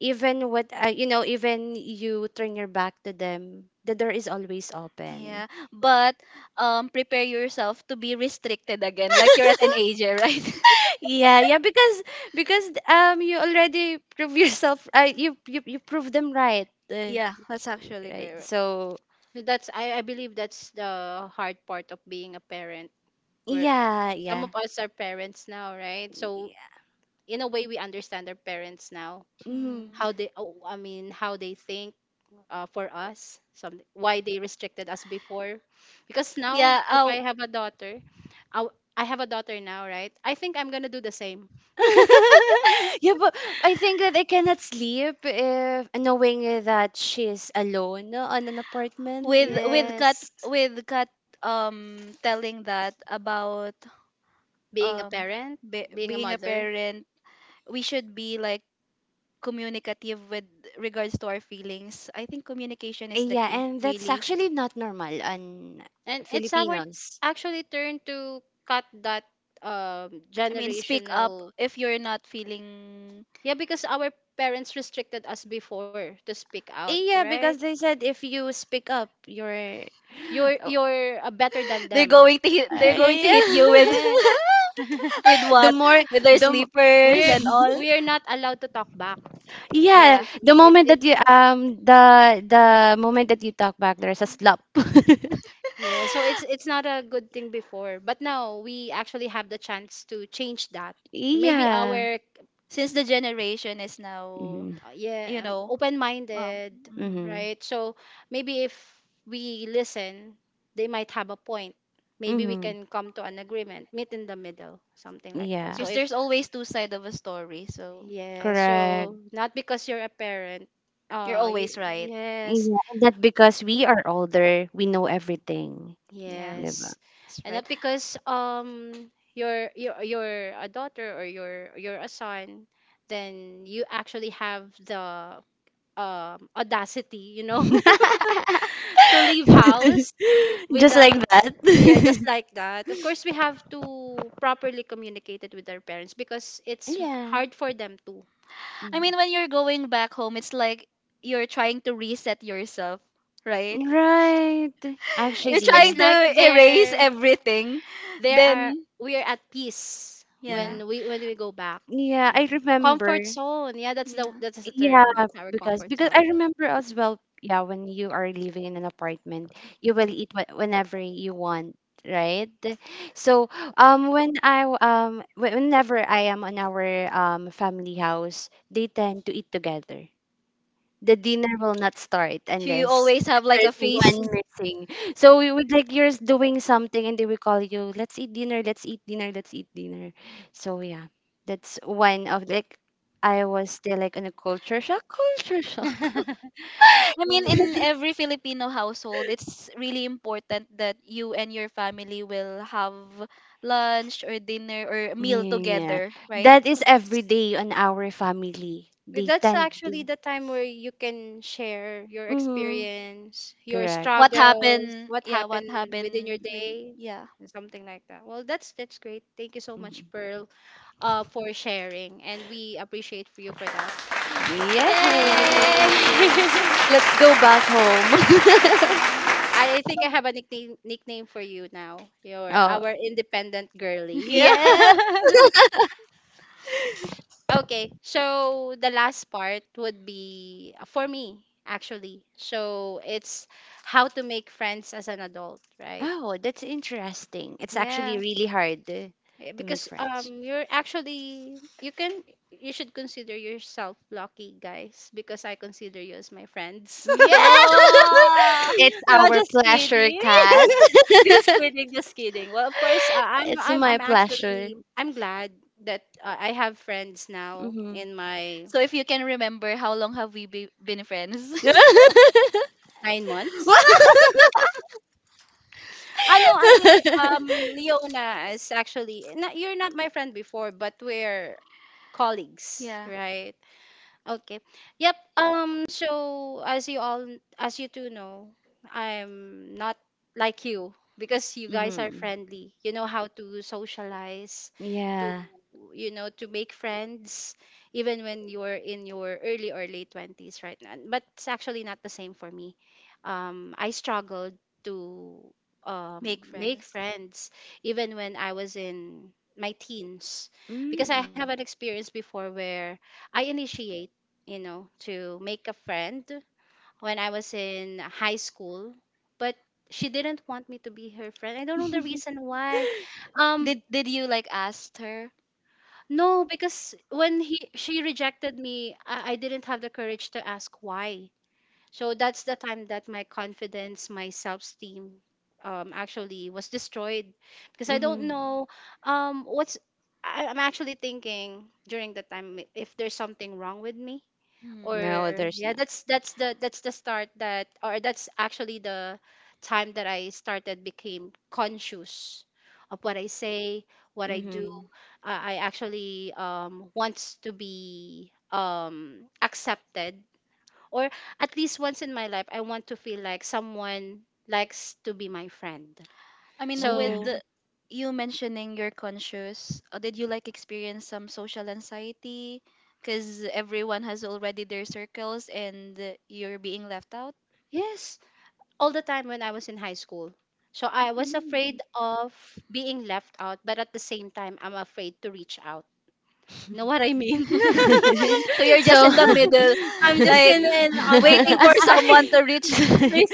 S2: even what, even you turn your back to them, the door is always open.
S3: Yeah, but prepare yourself to be restricted again, like you're a teenager, right?
S2: Yeah, yeah, because you already prove yourself. You prove them right.
S3: Yeah, that's actually
S2: Right.
S3: correct.
S2: So
S1: I believe that's the hard part of being a parent. Where
S2: yeah,
S1: some
S2: yeah.
S1: of us are parents now, right? So
S2: Yeah.
S1: in a way, we understand our parents now.
S2: Mhm.
S3: Hmm.
S1: Oh, I mean, how they think for us. Some why they restricted us before, because now
S3: Yeah,
S1: if I have a daughter, I have a daughter now, right? I think I'm gonna do the same.
S2: Yeah, but I think that I cannot sleep if knowing that she's alone on an apartment.
S3: with with Kat
S1: Yes.
S3: with Kat telling that about
S1: being a
S3: um
S1: parent,
S3: be,
S1: being a
S3: being a
S1: mother.
S3: parent, we should be like communicative with regards to our feelings. I think communication is the
S2: Yeah,
S3: key,
S2: and that's
S3: really.
S2: actually not normal on
S1: And it's our
S2: Filipinos.
S1: actually turn to cut that
S3: I mean, speak up
S1: generational.
S3: if you're not feeling.
S1: Yeah, because our parents restricted us before to speak out,
S2: Yeah,
S1: right?
S2: because they said if you speak up, you're.
S1: You're you're better than them.
S3: They're going to hit you with
S1: Yeah,
S2: Oh, yeah.
S3: with
S2: the
S3: what?
S2: more
S3: With their
S2: the mo-
S3: sleepers
S1: we're
S3: and all.
S1: we're not allowed to talk back.
S2: yeah,
S3: Yeah.
S1: Kasi
S2: the
S1: it,
S2: moment
S1: it.
S2: that you the moment that you talk back, there's a slap.
S1: Yeah, so it's not a good thing before, but now we actually have the chance to change that. So maybe
S2: Yeah.
S1: our,
S3: Since the generation is now,
S2: Mm-hmm.
S1: yeah,
S3: you know,
S1: open-minded,
S3: mhm.
S2: Mm-hmm.
S1: right? So maybe if we listen, they might have a point. Maybe we
S2: Mm-hmm.
S1: can come to an agreement, meet in the middle, something like that.
S2: Yeah,
S1: So
S3: Because
S1: if.
S3: there's always two sides of a story. So
S1: Yeah,
S3: mm,
S2: correct.
S1: so not because you're a parent,
S3: you're
S1: you
S3: always right.
S1: yes.
S2: Yeah, and that because we are older we know everything,
S3: Yeah,
S2: diba?
S1: Yes.
S3: that's
S1: And not
S3: right.
S1: because you're a daughter or you're a son, then you actually have the audacity, to leave house
S2: Just like
S1: without.
S2: that.
S1: Yeah, just like that. Of course we have to properly communicate it with our parents because it's
S2: Yeah.
S1: hard for them too.
S3: I
S2: Mhm.
S3: mean, when you're going back home, it's like you're trying to reset yourself, right?
S2: Right.
S3: You're
S1: It's
S2: Actually,
S3: trying
S1: like
S3: to erase
S1: there
S3: everything.
S1: there are.
S3: Then,
S1: We are at peace
S2: yeah.
S3: yeah,
S1: when we go back.
S2: Yeah, I remember.
S1: Comfort zone. Yeah, that's the
S3: yeah.
S1: term.
S2: Yeah,
S1: That's our comfort
S2: because
S1: zone.
S2: I remember as well, yeah, when you are living in an apartment, you will eat whenever you want, right? So, when whenever I am on our family house, they tend to eat together. The dinner will not start
S3: So you
S2: unless
S3: always have like a
S2: there's
S3: face.
S2: one missing. So we would like you're doing something and they will call you, let's eat dinner, let's eat dinner, let's eat dinner. So yeah, that's one of like I was still like on a culture shock, culture shock.
S3: I
S1: Well,
S3: mean, in every Filipino household, it's really important that you and your family will have lunch or dinner or meal
S2: Yeah.
S3: together, right?
S2: That is
S1: yeah,
S2: every day on our family. They
S1: that's
S2: tend
S1: actually
S2: to.
S1: the time where you can share your
S2: Mm-hmm.
S1: experience, your
S2: Correct.
S3: What
S1: struggles,
S3: happened?
S1: what
S3: Yeah, what
S1: happened within your
S3: happened with,
S1: day.
S3: yeah.
S1: And something like that. Well, that's great. Thank you so much,
S2: Mhm.
S1: Pearl, for sharing, and we appreciate for you for that.
S2: Yay!
S3: Yay!
S1: Yay!
S2: Let's go back home.
S1: Um, I think I have a nickname for you now. You're
S2: Oh.
S1: our independent girly. Yeah.
S2: Yeah.
S1: Okay, so the last part would be for me actually. So it's how to make friends as an adult, right?
S2: Oh, that's interesting. It's actually
S1: Yeah.
S2: really hard
S1: Eh,
S2: to make
S1: because
S2: friends.
S1: you're actually you can. You should consider yourself lucky guys because I consider you as my friends.
S2: Yeah.
S3: Oh!
S2: It's
S1: No,
S2: our
S1: just
S2: pleasure,
S1: kidding.
S2: Kat.
S1: Just kidding, just kidding. Well, of course i'm
S2: It's
S1: i'm
S2: my
S1: i'm
S2: pleasure.
S1: actually I'm glad that I have friends now
S2: hmm
S1: in my
S3: So if you can remember, how long have we been friends?
S1: 9 months. ano Until Leona is actually not, you're not my friend before but we're colleagues,
S3: Yeah,
S1: right? Okay. Yep. So as you two know, I'm not like you because you guys are
S2: hmm
S1: friendly. You know how to socialize to
S2: Yeah.
S1: you know to make friends even when you're in your early or late 20s right now but it's actually not the same for me. Um, I struggled to
S3: make
S1: make
S3: friends.
S1: friends even when I was in my teens because I
S2: Mm.
S1: have an experience before where I initiate to make a friend when I was in high school but she didn't want me to be her friend. I don't know the reason why. um
S3: Did you like ask her?
S1: no, because when he she rejected me, I didn't have the courage to ask why. So that's the time that my confidence, my self-esteem, actually was destroyed because I don't
S2: Mhm.
S1: know um, what's I'm actually thinking during the time if there's something wrong with me
S3: Hmm.
S1: or.
S2: No, there's
S1: Yeah,
S2: no.
S1: that's the start, that's actually the time that I started became conscious of what I say, what I do.
S2: Mm-hmm.
S1: I actually wants to be accepted, or at least once in my life I want to feel like someone likes to be my friend.
S3: I mean,
S2: Yeah.
S3: with
S1: So
S3: the, you mentioning you're conscious, did you like experience some social anxiety? Because everyone has already their circles, and you're being left out.
S1: yes, all the time when I was in high school. So I was afraid of being left out, but at the same time, I'm afraid to reach out. You know what I mean?
S3: So you're just
S2: so
S3: in the middle,
S1: I'm just
S3: like
S1: in on
S3: waiting
S1: the
S3: for someone to reach.
S1: street,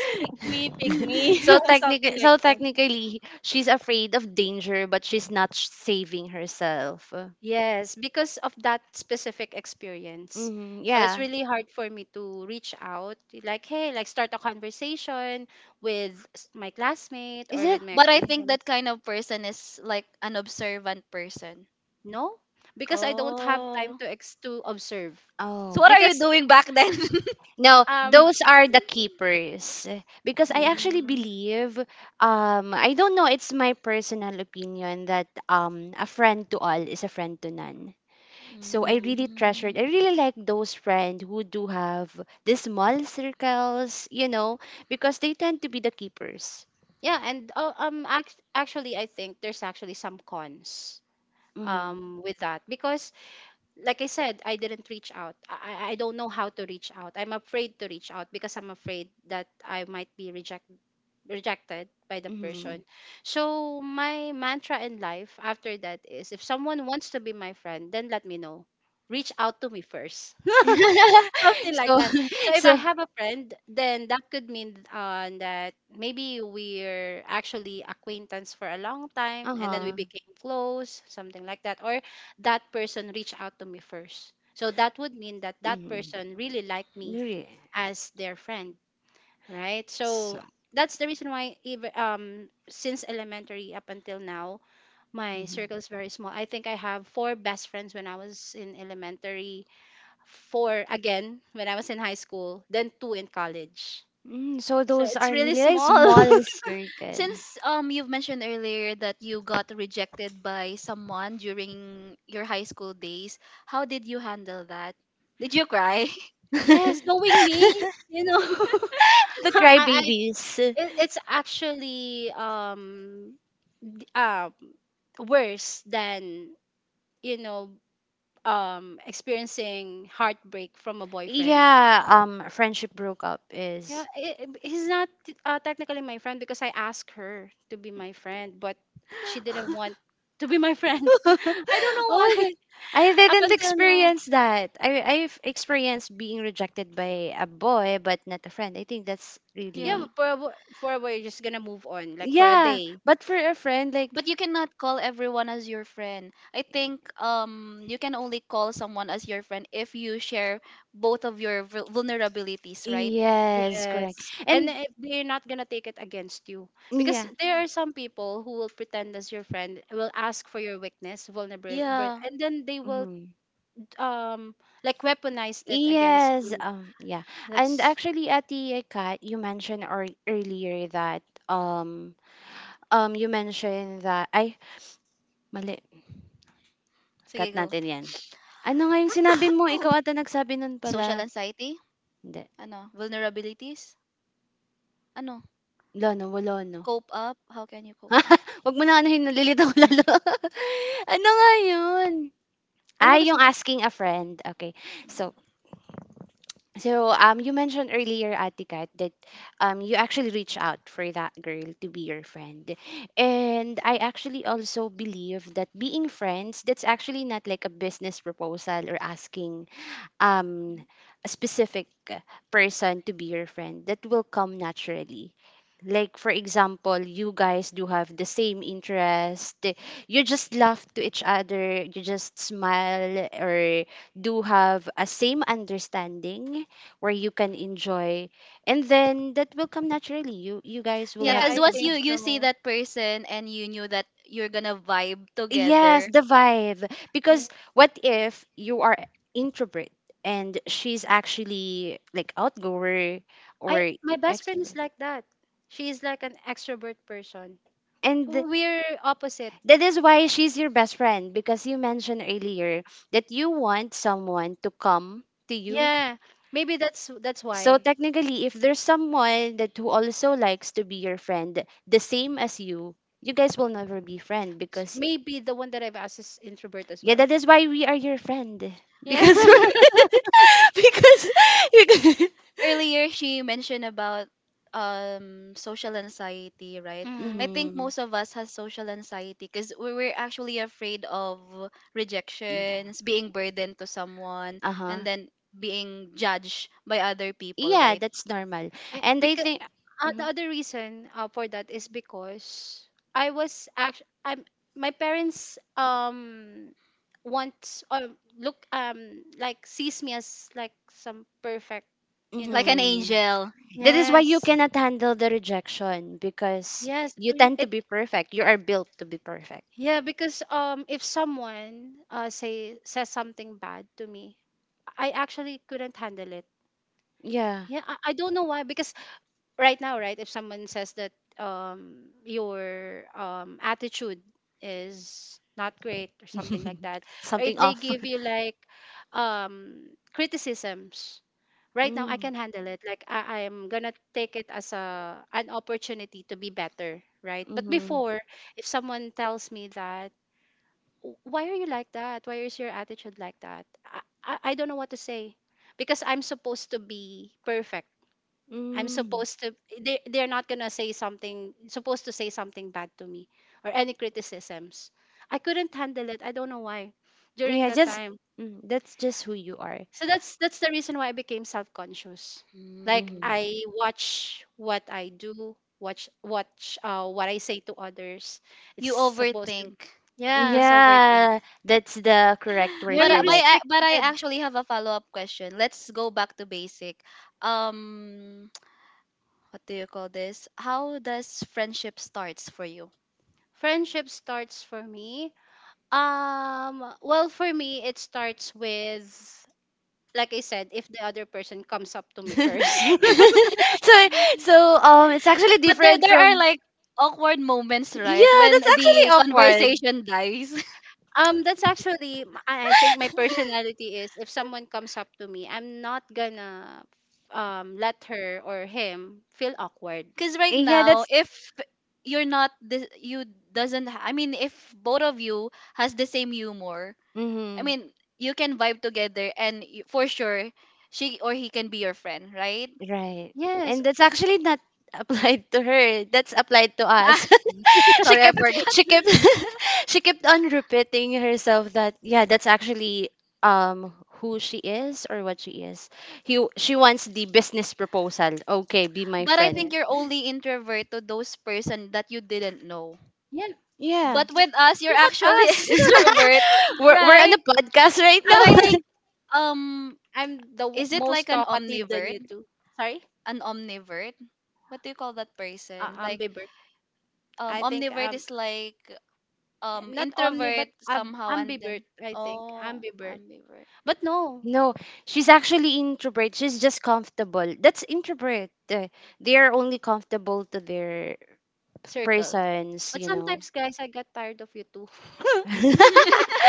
S1: me, pick me.
S2: so technically
S1: Something like
S2: so
S1: that.
S2: technically she's afraid of danger but she's not saving herself.
S1: Yes, because of that specific experience.
S2: Hmm,
S1: So it's
S2: yeah.
S1: really hard for me to reach out, like hey, like start a conversation with my classmate
S2: Is
S1: or with
S2: it?
S1: my
S3: But I think
S1: acquaintance.
S3: that kind of person is like an observant person.
S1: No, because I don't have time
S3: Oh.
S1: to ex to observe.
S3: So
S2: Oh,
S3: what are you
S1: Because
S3: doing back then?
S2: no,
S1: um
S2: those are the keepers, because I
S1: yeah.
S2: actually
S3: Mm,
S2: believe, I don't know, it's my personal opinion that a friend to all is a friend to none. So I
S1: Mm.
S2: really treasured. I
S3: mm.
S2: really like those friends who do have the small circles, you know, because they tend to be the keepers.
S1: Yeah, and actually I think there's actually some cons
S2: Mm-hmm.
S1: with that because like I said I didn't reach out. I don't know how to reach out. I'm afraid to reach out because I'm afraid that I might be rejected by the
S2: Mm-hmm.
S1: person. So my mantra in life after that is if someone wants to be my friend then let me know, reach out to me first, something like
S2: so,
S1: that. So if I
S2: so,
S1: have a friend, then that could mean that maybe we're actually acquaintance for a long
S2: uh
S1: time and then we
S2: huh.
S1: became close, something like that. Or that person reached out to me first. So that would mean that that
S2: Mm-hmm.
S1: person really liked me
S2: Really.
S1: as their friend, right?
S2: So,
S1: So that's the reason why even since elementary up until now my
S2: mhm.
S1: circle is very small. I think I have four best friends when I was in elementary, four again when I was in high school, then two in college.
S2: Mm, so
S1: So
S2: those are
S1: it's
S2: really
S1: really
S2: like
S1: small.
S2: small circles.
S3: Since you've mentioned earlier that you got rejected by someone during your high school days, how did you handle that? Did you cry?
S2: The
S1: Yes, knowing me, you know, I, I
S2: crybabies.
S1: it's actually um worse than you know experiencing heartbreak from a boyfriend.
S2: Yeah, friendship broke up
S1: Yeah,
S2: is.
S1: he's not technically my friend because I asked her to be my friend, but she didn't want to be my friend.
S2: Oh
S1: I don't know why.
S2: my god, I
S1: Up
S2: didn't
S1: until now.
S2: experience that. I've experienced being rejected by a boy, but not a friend. I think that's
S1: Yeah,
S3: Yeah.
S2: really
S1: but for a while, you're just gonna move on, like for a
S2: yeah.
S1: day.
S2: But for a friend, like
S3: But you cannot call everyone as your friend. I think you can only call someone as your friend if you share both of your vulnerabilities, right?
S2: yes, correct,
S1: Yes. And
S2: and
S1: if they're not gonna take it against you. Because
S2: yeah.
S1: there are some people who will pretend as your friend, will ask for your weakness, vulnerable,
S3: Yeah.
S1: and then they will
S2: Mhm.
S1: um like weaponize it against
S2: Yes,
S1: you.
S2: yeah. And
S1: That's.
S2: actually, Ate Kat, you mentioned or earlier that um you mentioned that, ay, mali,
S3: Sige,
S2: cut
S3: go.
S2: natin yan. Ano nga yung sinabi mo? Ikaw ata nagsabi nun
S3: Social
S2: pala.
S3: anxiety?
S2: Hindi.
S3: Ano? Vulnerabilities? Ano?
S2: Lono, no. Wala, no.
S3: Cope up? How can you cope up?
S2: Wag mo na anuhin, nalilito ko lalo. Ano nga yun?
S1: Ano ba
S2: Ay,
S1: gusto
S2: yung
S1: mo-.
S2: asking a friend. Okay.
S3: Mm.
S2: So, so you mentioned earlier, Ate Kat, that you actually reach out for that girl to be your friend. And I actually also believe that being friends, that's actually not like a business proposal or asking um, a specific person to be your friend that will come naturally. Like, for example, you guys do have the same interest. You just laugh to each other. You just smile or do have a same understanding where you can enjoy. And then that will come naturally. You guys
S3: Yeah,
S2: will
S1: Yeah,
S2: have
S3: because
S1: I
S3: once
S2: become
S3: you
S1: think
S2: friends.
S3: you see
S1: so.
S3: that person and you knew that you're gonna vibe
S2: Yes,
S3: together.
S2: the vibe.
S1: Yeah.
S2: Because what if you are introvert and she's actually like outgoer or
S1: I my best friend is
S2: extrovert?
S1: like that. She is like an extrovert person.
S2: And th-
S1: We're opposite.
S2: that is why she's your best friend, because you mentioned earlier that you want someone to come to you.
S1: Yeah. Maybe that's
S2: So
S1: why.
S2: technically, if there's someone that who also likes to be your friend, the same as you, you guys will never be friend because
S1: Maybe the one that I've asked is introvert as
S2: yeah,
S1: well.
S2: that is why we are your friend.
S1: Yeah.
S2: Because we're because you
S3: Earlier she mentioned about social anxiety, right? I
S1: Mhm.
S3: think
S2: hmm
S3: most of us has social anxiety because we were actually afraid of
S2: yeah.
S3: rejections, being burdened to someone,
S2: Uh-huh.
S3: and then being judged by other people,
S2: Yeah,
S3: right?
S2: that's normal. And I
S1: Because
S2: think
S1: the
S2: mhm.
S1: other reason for that is because I was actually I'm my parents want look like sees me as like some perfect. you know
S3: Like an
S2: Mhm.
S3: angel.
S2: That is why you
S1: yes,
S2: cannot handle the rejection, because
S1: yes.
S2: you
S1: Mm.
S2: tend to
S1: It.
S2: be perfect. You are built to be perfect.
S1: Yeah, because if someone says something bad to me I actually couldn't handle it.
S2: Yeah.
S1: Yeah, I don't know why because right now, right? If someone says that your attitude is not great or something like that, or
S2: Something
S1: if they
S2: off.
S1: give you like um, criticisms, right now I
S2: Mm.
S1: can handle it. Like I am gonna take it as a an opportunity to be better, right? But
S2: Mhm.
S1: before, if someone tells me that, "Why are you like that? Why is your attitude like that?" I don't know what to say because I'm supposed to be perfect. I'm
S2: Mm.
S1: supposed to they they're not gonna say something supposed to say something bad to me or any criticisms. I couldn't handle it. I don't know why during
S2: Yeah,
S1: that
S2: just
S1: time.
S2: mm, that's just who you are.
S1: So that's the reason why I became self conscious. Like
S3: Mm.
S2: Mhm.
S1: I watch what I do, watch watch what I say to others. It's
S3: you
S1: supposed to.
S3: overthink you
S1: Yeah.
S3: just overthink.
S2: Yeah, that's the correct word
S1: Very
S2: for that.
S3: But I
S1: restricted.
S3: actually have a follow up question. Let's go back to basic. Um, what do you call this? How does friendship starts for you?
S1: Friendship starts for me. Well, for me it starts with, like I said, if the other person comes up to me first.
S2: so so it's actually
S3: But there
S2: different
S3: there
S2: from
S3: are like awkward moments, right?
S2: yeah,
S3: When
S2: that's actually
S3: the
S2: awkward.
S3: conversation dies.
S1: Um, that's actually I think my personality is if someone comes up to me, I'm not gonna let her or him feel awkward.
S3: Because right
S2: Yeah,
S3: now,
S2: that's
S3: if you're not the you doesn't. Ha- I mean, if both of you has the same humor, I
S2: mm-hmm.
S3: mean, you can vibe together, and for sure, she or he can be your friend, right?
S2: Right.
S1: Yes.
S2: And that's actually not applied to her. That's applied to
S3: Ah,
S2: us. she
S3: sorry, I
S2: kept
S3: forgot.
S2: she kept she kept on repeating herself that yeah that's actually um who she is or what she is. He She wants the business proposal, okay, be my
S3: But I
S2: friend.
S3: think
S1: Yes.
S3: you're only introvert to those person that you didn't know.
S1: Yeah.
S2: Yeah,
S3: But with us, you're
S1: Look at
S3: actually
S1: us.
S3: extrovert,
S2: we're on
S3: right?
S2: a podcast right
S3: But
S1: I'm
S3: I
S1: more
S2: now.
S3: think, um,
S1: I'm the
S3: is it like
S1: most
S3: an
S1: talkative than
S3: omnivert?
S1: you two. Sorry?
S3: An omnivert? What do you call that person? Like,
S1: Ambivert. I think
S3: omnivert is like
S1: not omni
S3: introvert
S1: but
S3: somehow, and
S1: ambivert.
S3: then,
S1: I think
S3: oh,
S1: ambivert.
S3: ambivert.
S1: But no.
S2: No, she's actually introvert, she's just comfortable, that's introvert. They are only comfortable to their
S1: Circle.
S2: persons,
S1: But
S2: you know.
S1: sometimes, guys, I got tired of you too.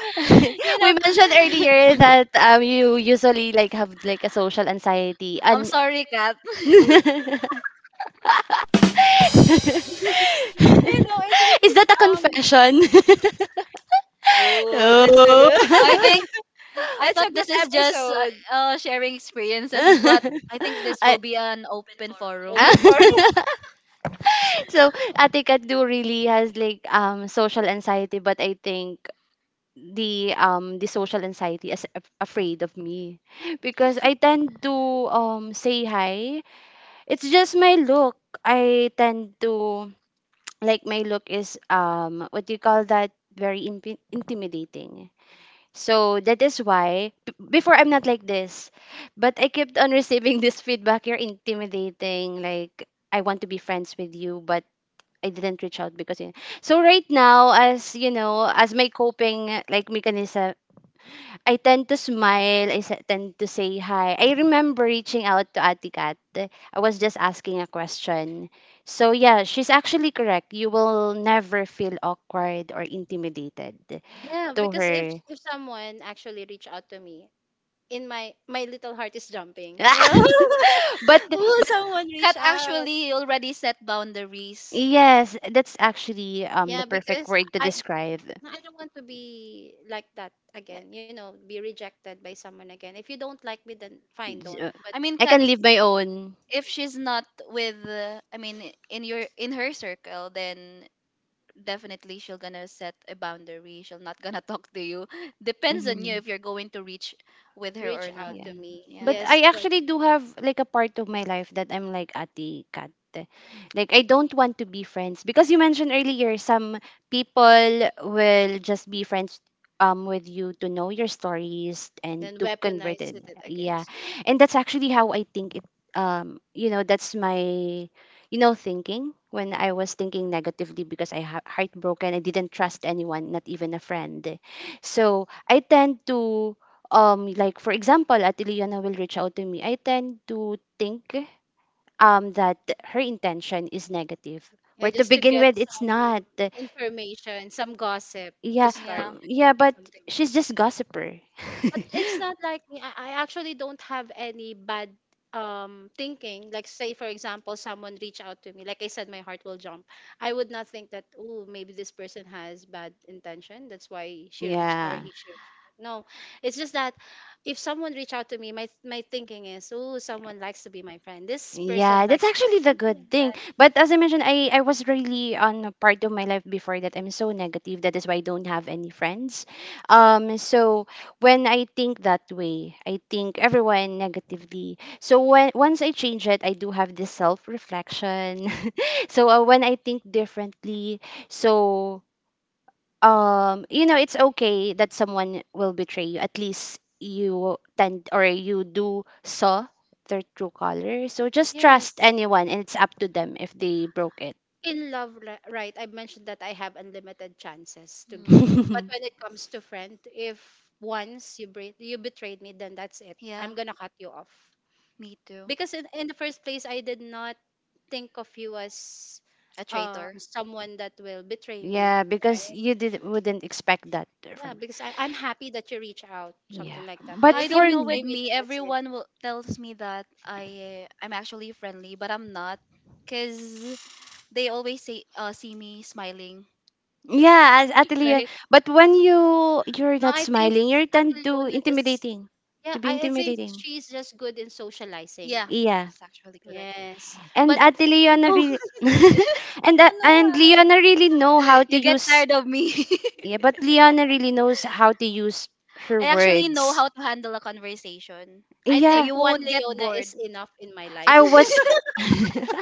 S1: you
S2: We
S1: know,
S2: mentioned earlier
S1: you
S2: that you usually like have like a social anxiety,
S3: I'm
S2: and
S3: sorry, Kat.
S1: it's
S2: is
S1: because
S2: that a
S1: um,
S2: confession?
S1: Oh, that's a good,
S3: I
S2: Oh.
S3: think I
S1: that's
S3: thought
S1: a good
S3: this is just
S1: episode.
S3: sharing experiences, but I think this will
S2: I-
S3: be an open forum.
S2: Ah.
S1: Open for.
S2: So Ate Kat do really has like social anxiety, but I think the social anxiety is afraid of me because I tend to say hi. It's just my look. I tend to like my look is what do you call that, very impi intimidating. So that is why before I'm not like this, but I kept on receiving this feedback. You're intimidating. Like I want to be friends with you, but I didn't reach out because you so right now, as you know, as my coping like mechanism I tend to smile. Tend to say hi. I remember reaching out to Ati Kat. I was just asking a question. So yeah, she's actually correct. You will never feel awkward or intimidated
S1: Yeah,
S2: to
S1: because if
S2: her.
S1: if someone actually reach out to me, in my little heart is jumping.
S2: But
S1: Oh, someone
S3: Kat
S1: reach out.
S3: actually already set boundaries.
S2: yes, that's actually the
S1: Yeah,
S2: perfect
S1: because
S2: word to
S1: I.
S2: describe.
S1: No, I don't want to be like that
S3: Yeah.
S1: again, be rejected by someone again. If you don't like me, then fine, don't.
S2: J-
S1: But
S3: I mean,
S2: I
S3: Kat,
S2: can leave my own.
S3: if she's not with, I mean, in your in her circle, then definitely she'll gonna set a boundary, she'll not gonna talk to you. Depends on you
S2: Mhm.
S3: if you're going to reach with her
S1: reach
S3: or
S1: out
S3: not.
S2: Yeah.
S1: to me.
S3: Yeah.
S2: But
S1: Yes,
S2: I
S1: but
S2: actually do have like a part of my life that I'm like Ati Cat. Like I don't want to be friends because you mentioned earlier some people will just be friends with you to know your stories and
S1: then
S2: to convert
S1: weaponize
S2: it.
S1: it
S2: Yeah.
S1: against you.
S2: And that's actually how I think it you know that's my you know thinking when I was thinking negatively because heartbroken, I didn't trust anyone, not even a friend. So I tend to like for example at Ileana will reach out to me, I tend to think that her intention is negative
S1: Yeah,
S2: where to
S1: just to
S2: begin
S1: get
S2: with it's not.
S1: information, some gossip to
S2: Yeah,
S1: start
S3: Yeah.
S1: with,
S2: yeah, but
S1: something.
S2: she's just gossiper.
S1: But it's not like me. I actually don't have any bad thinking. Like say for example, someone reach out to me. Like I said, my heart will jump. I would not think that, oh, maybe this person has bad intention. That's why she reached or
S2: Yeah.
S1: he she reached out. No. It's just that if someone reach out to me, my thinking is, oh, someone likes to be my friend. This person
S2: Yeah, that's
S1: likes to
S2: actually the
S1: something
S2: good
S1: like
S2: thing.
S1: that.
S2: But as I mentioned, I was really on a part of my life before that I'm so negative. That is why I don't have any friends. So when I think that way, I think everyone negatively. So when once I change it, I do have this self reflection. So when I think differently, so you know it's okay that someone will betray you, at least you tend or you do saw their true color, so just
S1: Yes.
S2: trust anyone and it's up to them if they broke it.
S1: In love right, I mentioned that I have unlimited chances to give,
S3: Mm.
S1: but when it comes to friend, if once you you betrayed me, then that's it. Yeah,
S3: Yeah,
S1: I'm gonna cut you off
S3: me too.
S1: because in the first place I did not think of you as
S3: A traitor.
S1: someone that will betray me,
S2: Yeah, because
S1: right?
S2: you did, wouldn't expect that
S1: Yeah,
S2: from
S1: because I'm happy that you reach out
S2: yeah
S1: something like that, but
S2: but
S1: if
S3: I
S1: you
S3: don't
S2: for
S3: know with
S1: betray
S2: me
S1: me, then
S3: me.
S1: that's it.
S3: Everyone will, tells me that I'm actually friendly, but I'm not. Cause they always say, see me smiling.
S2: yeah, as atelier.
S3: Right?
S2: But when you you're
S1: No,
S2: not
S1: I think
S2: smiling, you
S1: ate
S2: tend to
S1: Lona just
S2: intimidating,
S1: yeah
S2: to be
S1: I think
S2: intimidating.
S1: she's just good in socializing.
S3: Yeah,
S2: Yeah,
S3: it's actually correct.
S1: Yes, but
S2: and at
S1: me,
S2: Leona
S1: no.
S2: really,
S1: No, no.
S2: and Leona really know how to
S3: You get
S2: use.
S3: tired of me.
S2: Yeah, but Leona really knows how to use her
S3: I actually know
S2: words.
S3: how to handle a conversation,
S1: I
S3: so
S1: think
S2: Yeah,
S3: you
S1: one
S3: won't get
S1: Leona
S3: bored.
S1: is enough in my life.
S2: I was.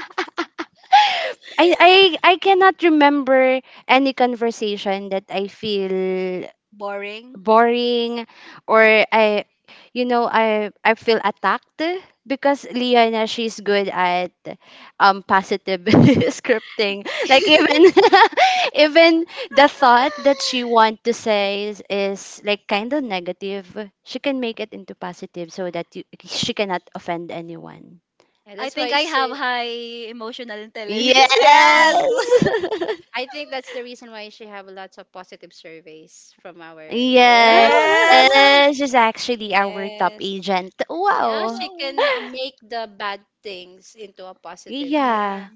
S2: I I cannot remember any conversation that I feel
S3: Boring.
S2: boring or I you know I feel attacked because Liana she's good at positive scripting like even even the thought that she want to say is like kind of negative, she can make it into positive so that you, she cannot offend anyone.
S1: Yeah,
S3: I
S1: that's why
S3: think
S1: I
S3: I have
S1: say.
S3: high emotional intelligence.
S2: Yes.
S3: Yes.
S1: I think that's the reason why she have lots of positive surveys from our. Yeah.
S2: Yes,
S3: Yes.
S2: she's actually our top
S1: Yes.
S2: agent.
S1: Yeah,
S2: Wow.
S1: she
S3: Wow.
S1: can make the bad things into a positive thing.
S3: Yeah.
S2: Yeah.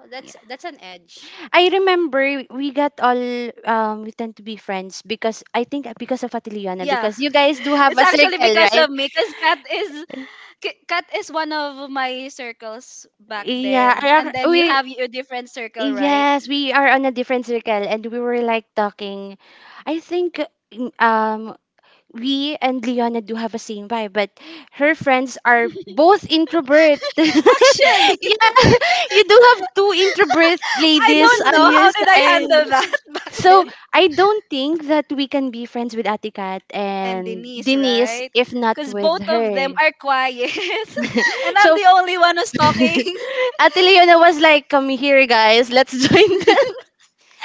S1: Oh,
S2: Yeah.
S1: that's an edge.
S2: I remember we got all we tend to be friends because I think because of Atiliana
S3: Yeah.
S2: because you guys do have
S3: It's
S2: a
S3: actually
S2: circle,
S3: because
S2: right?
S3: of me, cuz Kat is one of my circles back
S2: Yeah,
S3: then, and then you
S2: we
S3: have your different circle, right?
S2: yes, we are on a different circle and we were like talking. I think mm, we and Liana do have a same vibe, but her friends are both introvert. Yeah,
S3: Actually,
S2: you do have two introvert
S3: I
S2: ladies
S3: don't know
S2: on your
S3: how did I handle that
S2: side.
S3: back then.
S2: So I don't think that we can be friends with Atikat
S3: And
S2: and
S3: Denise,
S2: Denise
S3: right?
S2: if not
S3: Cuz
S2: with
S3: both of
S2: her.
S3: them are quiet and I'm
S2: So
S3: the only one who's talking.
S2: Ate Leona was like, come here guys, let's join them.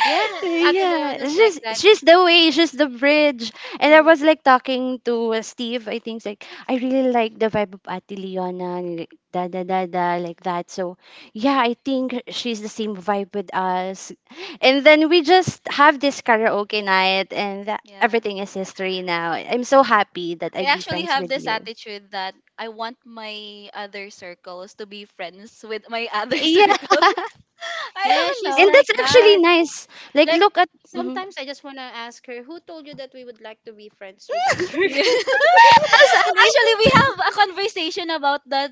S1: Yeah, Ate
S2: Yeah,
S1: Leona's like that.
S2: it's just the way, it's just the bridge. And I
S1: Mm.
S2: was like talking to Steve. I think like I really like the vibe of Ate Leona and like, da da da da like that. So yeah, I think she's the same vibe with us. And then we just have this karaoke night, and that,
S3: Yeah.
S2: everything is history now. I'm so happy that
S3: I
S2: I'd be
S3: actually
S2: friends
S3: have
S2: with
S3: this
S2: you.
S3: attitude that I want my other circles to be friends with my other
S2: Yeah,
S3: circles. I
S1: Yeah,
S3: don't
S1: she's
S2: and
S3: know.
S1: like
S2: that's actually
S1: that.
S2: nice. Like
S1: Like
S2: look at. Mhm.
S1: sometimes I just wanna ask her, who told you that we would like to be friends with the church?
S3: Yeah.
S2: As an
S3: Actually, we
S2: English
S3: have a conversation about that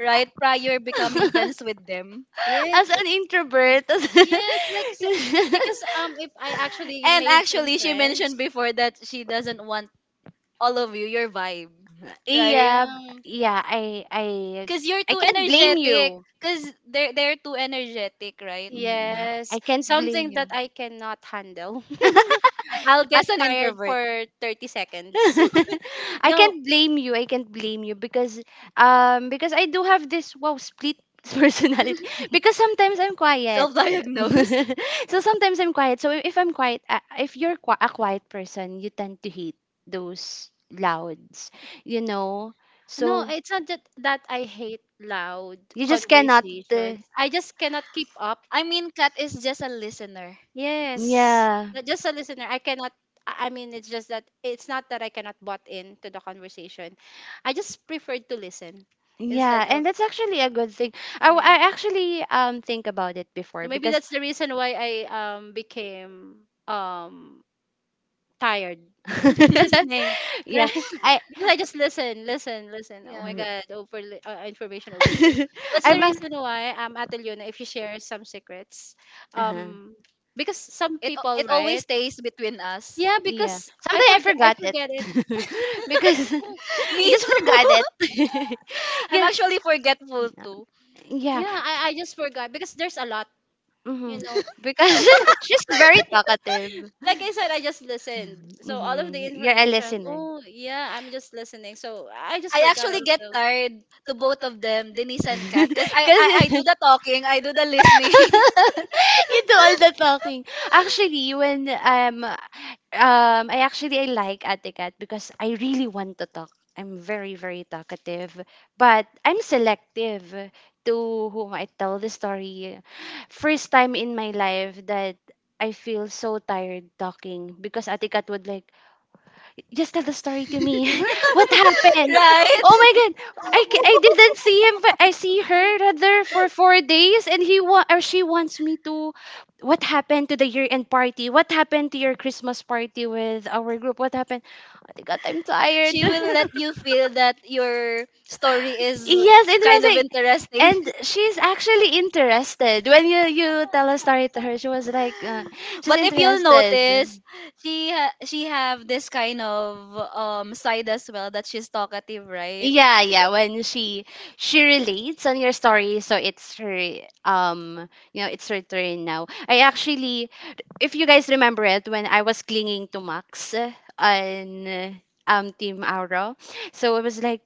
S3: right prior becoming friends with them.
S1: Yes.
S2: as an introvert.
S1: Yes, like because if I actually
S3: And
S1: made some
S3: actually, she
S1: friends,
S3: mentioned before that she doesn't want all of you, your vibe, right?
S2: Yeah,
S1: yeah.
S2: yeah,
S3: Because you're
S2: I
S3: too
S2: can't blame
S3: energetic.
S2: you.
S3: Because they're too energetic, right?
S2: Mm,
S1: Yes,
S2: I can't blame
S1: something
S2: you.
S1: that I cannot handle. I'll get
S3: As an
S1: tired
S3: introvert,
S1: for 30 seconds.
S2: I
S1: No,
S2: can't blame you. I can't blame you because I do have this wow split personality because sometimes I'm quiet.
S3: self diagnosed.
S2: So sometimes I'm quiet. So if I'm quiet, if you're a quiet person, you tend to hate those louds, you know.
S1: no,
S2: So
S1: it's not that I hate loud
S2: you just cannot uh,
S1: conversations. I just cannot keep up.
S3: I mean, Kat is just a listener.
S1: Yes.
S2: yeah.
S1: Not just a listener. I cannot I mean it's just that it's not that I cannot butt in to the conversation. I just preferred to listen
S2: Yeah,
S1: instead
S2: and
S1: of
S2: that's actually a good thing.
S1: yeah.
S2: I actually think about it before
S1: So maybe
S2: because
S1: that's the reason why I became tired listening.
S2: yeah,
S1: Right?
S2: I
S1: Because I just listen, listen, listen. Oh
S3: Yeah.
S1: my god, overload information overload. That's the
S2: I'm not,
S1: reason why Ate Leona, if you share some secrets,
S2: uh
S1: um because some people,
S3: It always
S1: right?
S3: stays between us.
S1: Yeah,
S2: yeah.
S1: because
S2: Sometimes I
S1: I
S2: forgot it
S1: forget it.
S2: because
S3: Me
S2: I just
S3: too.
S2: forgot it.
S3: I'm
S2: Yeah,
S3: actually forgetful too.
S2: yeah.
S1: Yeah, I just forgot because there's a lot,
S2: Hmm.
S1: you know.
S2: Because she's very talkative.
S1: Like I said, I just listened. So all of the
S2: Mhm. You're a
S1: information.
S2: listener.
S1: Oh yeah, I'm just listening. So I just
S3: I
S1: forgot
S3: actually
S1: all of
S3: get
S1: those.
S3: tired to both of them, Denise and Kat, because I, I
S2: Because
S3: I do the talking, I do the listening,
S2: you do all the talking. Actually, when I actually I like Ate Kat because I really want to talk. I'm very talkative, but I'm selective to whom I tell the story. First time in my life that I feel so tired talking because Ate Kat would like just tell the story to me. What happened?
S3: right?
S2: Oh my god, I didn't see him. But I see her rather for 4 days, and he wa- or she wants me to. What happened to the year end party? What happened to your Christmas party with our group? What happened? Oh my god, I'm tired.
S3: She will let you feel that your story is
S2: Yes,
S3: kind of
S2: interesting.
S3: interesting.
S2: And she's actually interested. When you tell a story to her, she was like, she's
S3: But if you'll
S2: interested.
S3: notice, she have this kind of side as well, that she's talkative, right?
S2: Yeah, yeah. When she relates on your story, so it's her it's her turn now. I actually, if you guys remember it, when I was clinging to Max, on Team Auro, so it was like,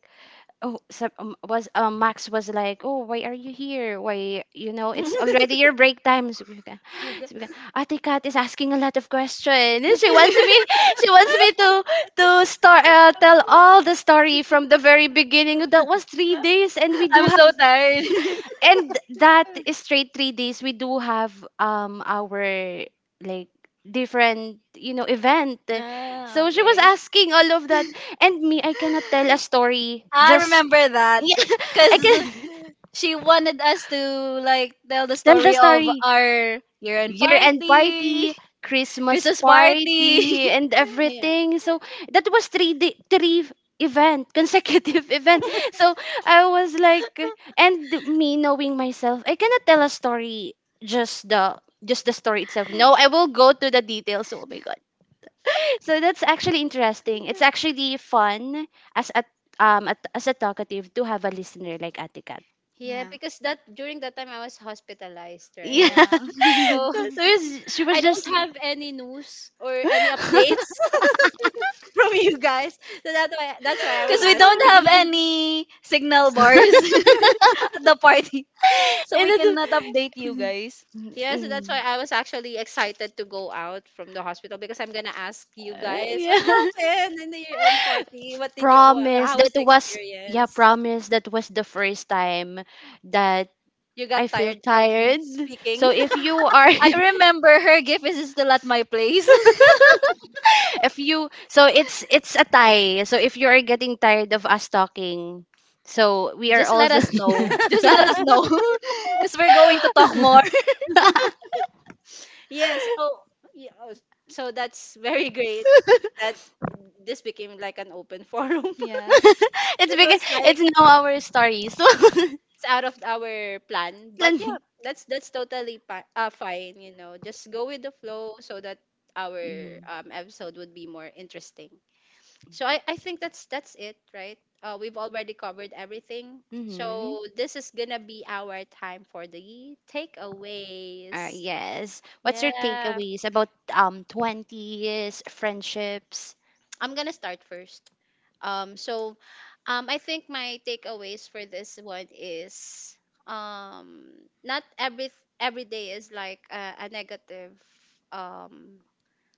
S2: oh, so, was Max was like, "Oh, why are you here? Why, you know, it's already your break time." So we can,
S1: You
S2: so we can,
S1: go-
S2: Ate Kat is asking a lot of questions. She wants me to start, tell all the story from the very beginning. That was 3 days, and we do
S3: I'm
S2: have,
S3: so tired.
S2: and that is straight 3 days. We do have our like different event,
S3: Ah,
S2: so she was
S3: okay.
S2: asking all of that and me, I cannot tell a story
S3: I
S2: just
S3: remember that
S2: yeah, I
S3: because
S2: can
S3: she wanted us to like tell the
S2: tell the
S3: story of
S2: story.
S3: our year-end
S2: Year-end
S3: party,
S2: party, Christmas
S3: Christmas party.
S2: party, and
S1: Yeah.
S2: everything. So that was 3 day, three event consecutive event. So I was like, and me knowing myself, I cannot tell a story just the story itself. No, I will go to the details. Oh my god. So that's actually interesting. It's actually fun as a at, as a talkative to have a listener like Atikat.
S1: Yeah,
S3: Yeah.
S1: because that during that time I was hospitalized,
S2: Yeah.
S1: right?
S3: Yeah.
S1: So
S2: So yes, she
S1: I
S2: was
S1: don't
S2: just.
S1: have any news or any updates from you guys. So that's why I was
S3: Because we don't have
S1: asking.
S3: any signal bars at the party. So
S2: Then
S3: we
S2: the-
S3: cannot update you
S2: Mm.
S3: guys.
S1: Yes, that's why I was actually excited to go out from the hospital because I'm gonna ask you guys what
S2: Yeah.
S1: happened in the year-end party. What did you?
S2: Promise
S1: How was
S2: that
S1: the
S2: was yeah,
S1: experience?
S2: promise that was the first time that
S1: You
S2: I
S1: got
S2: feel
S1: tired from
S2: tired,
S1: speaking.
S2: so if you are
S3: I remember her gift is still at my place.
S2: if you so it's a tie, so if you are getting tired of us talking, so we are
S3: Just let
S2: also.
S3: us know. Just let us know. Because we're going to talk more.
S1: Yes. Oh, yeah. Oh, so that's very great that this became like an open forum.
S3: Yeah.
S2: It's
S1: It
S2: because
S1: was like
S2: it's now our story, so
S1: it's out of our plan, but
S2: Lan.
S1: yeah, that's that's totally fine. You know, just go with the flow so that our
S2: Mhm.
S1: episode would be more interesting. So I think that's it, right? We've already covered everything.
S2: Mhm.
S1: So this is gonna be our time for the takeaways.
S2: Yes. What's your
S1: Yeah,
S2: takeaways about 20s friendships?
S1: I'm gonna start first. Um, so, I think my takeaways for this one is, um, not every day is like a negative, um,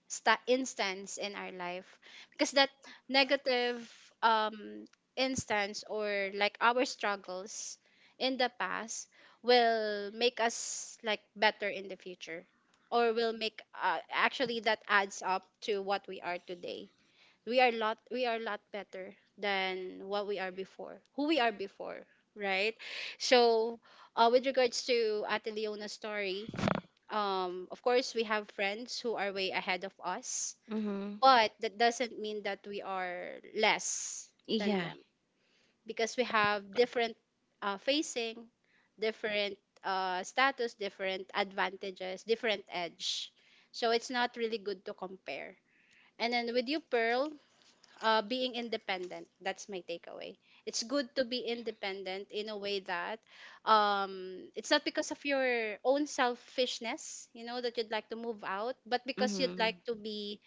S1: instance in our life because that negative um instance or like our struggles in the past will make us like better in the future or will make actually that adds up to what we are today. We are lot we are a lot better than what we are before, who we are before, right? So with regards to Ate Leona's story, of course, we have friends who are way ahead of us,
S2: Mhm.
S1: but that doesn't mean that we are less than
S2: Yeah.
S1: them because we have different facing different status, different advantages, different edge. So it's not really good to compare. And then with you pearl, being independent, that's my takeaway. It's good to be independent in a way that it's not because of your own selfishness, you know, that you'd like to move out but because
S2: Mhm.
S1: you'd like to be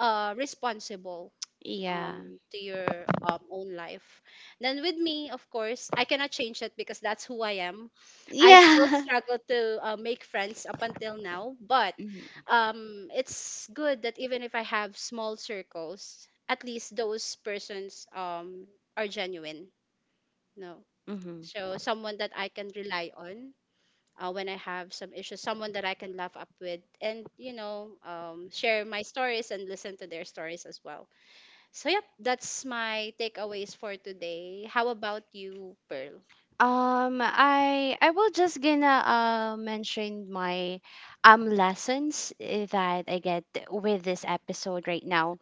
S1: responsible
S2: Yeah.
S1: to your own life. Then with me, of course, I cannot change it because that's who I am. I still
S2: Yeah.
S1: struggle to make friends up until now, but
S2: Mhm.
S1: it's good that even if I have small circles, at least those persons are genuine, no?
S2: Mhm.
S1: So someone that I can rely on, when I have some issues, someone that I can laugh up with and, you know, share my stories and listen to their stories as well. So, yep, that's my takeaways for today. How about you, Pearl?
S2: I will just gonna, mention my lessons, eh, that I get with this episode right now.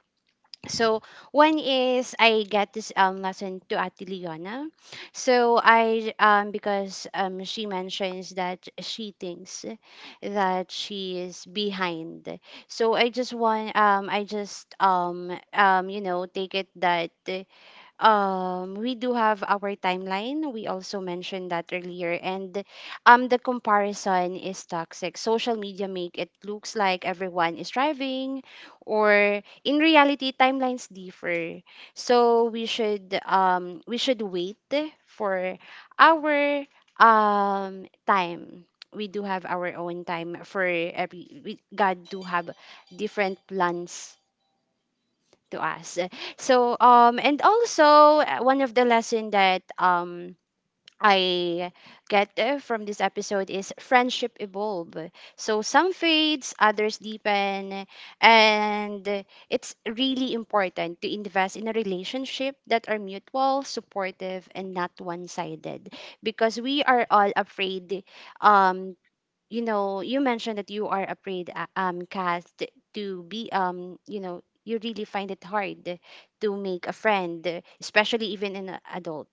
S2: So one is I get this lesson to Ate Leona. So I because she mentions that she thinks that she is behind. So I just want, I just you know, take it that we do have our timeline. We also mentioned that earlier. And the comparison is toxic. Social media make it looks like everyone is driving, or in reality, timelines differ. So we should, we should wait for our time. We do have our own time for every. We, God do have different plans to us. So and also, one of the lesson that I get, from this episode is friendship evolve. So some fades, others deepen, and it's really important to invest in a relationship that are mutual, supportive, and not one-sided, because we are all afraid, um you know, you mentioned that you are afraid, Cass, to be, you know, you really find it hard to make a friend, especially even an adult.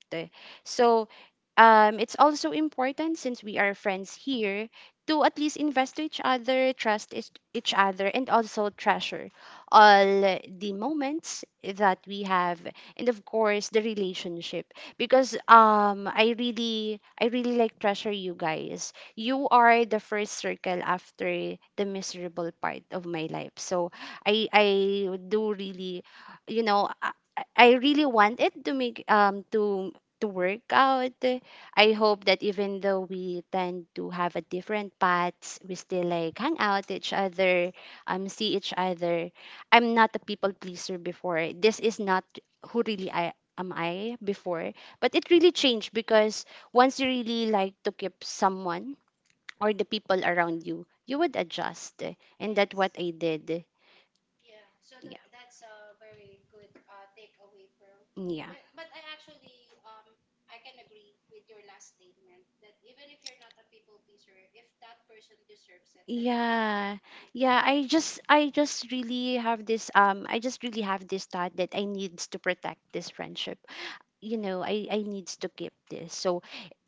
S2: So, it's also important since we are friends here to at least invest to each other, trust each other, and also treasure all the moments that we have, and of course the relationship. Because I really like treasure you guys, you are the first circle after the miserable part of my life. So I do really, you know, I really want it to make to work out. I hope that even though we tend to have a different paths, we still like hang out each other, see each other. I'm not a people pleaser before. This is not who really I am I before. But it really changed because once you really like to keep someone or the people around you, you would adjust. And that's what I did. Yeah. Yeah. Yeah, yeah, I just really have this I just really have this thought that I needs to protect this friendship, you know, I needs to keep this, so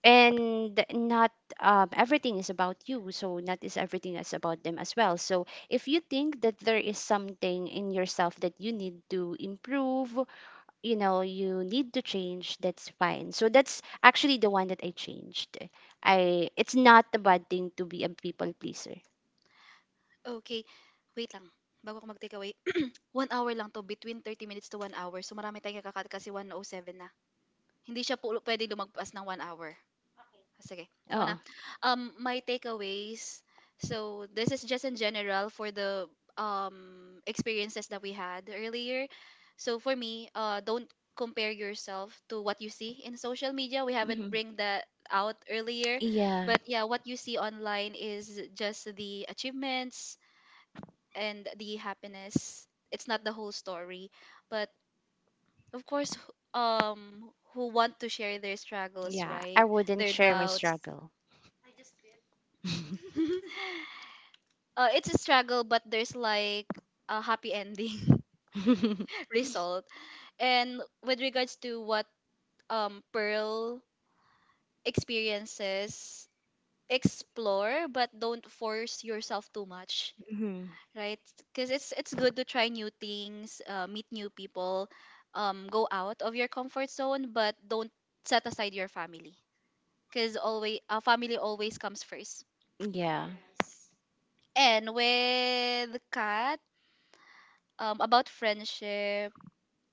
S2: and not, everything is about you, so not is everything is about them as well. So if you think that there is something in yourself that you need to improve, you know, you need to change, that's fine. So that's actually the one that I changed. I It's not a bad thing to be a people pleaser.
S3: Okay. Wait lang. Bago ako mag-takeaway. 1 hour lang to. Between 30 minutes to 1 hour. So marami tayong kakakat kasi 107 na. Hindi siya pwedeng lumagpas ng 1 hour. Sige, ako na.
S2: Oh.
S3: My takeaways. So, this is just in general for the experiences that we had earlier. So, for me, don't compare
S2: Mhm.
S3: yourself to what you see in social media. We haven't bring that out earlier.
S2: Yeah.
S3: But yeah, what you see online is just the achievements and the happiness. It's not the whole story. But of course, who want to share their struggles,
S2: Yeah,
S3: right?
S2: I
S3: Their
S2: wouldn't share my
S3: doubts.
S2: struggle.
S3: It's a struggle, but there's like a happy ending
S2: Mhm.
S3: result. And with regards to what Pearl experiences, explore, but don't force yourself too much, right? Because it's good to try new things, meet new people, go out of your comfort zone, but don't set aside your family, because always our family always comes first.
S2: Yeah.
S3: And with Kat, about friendship,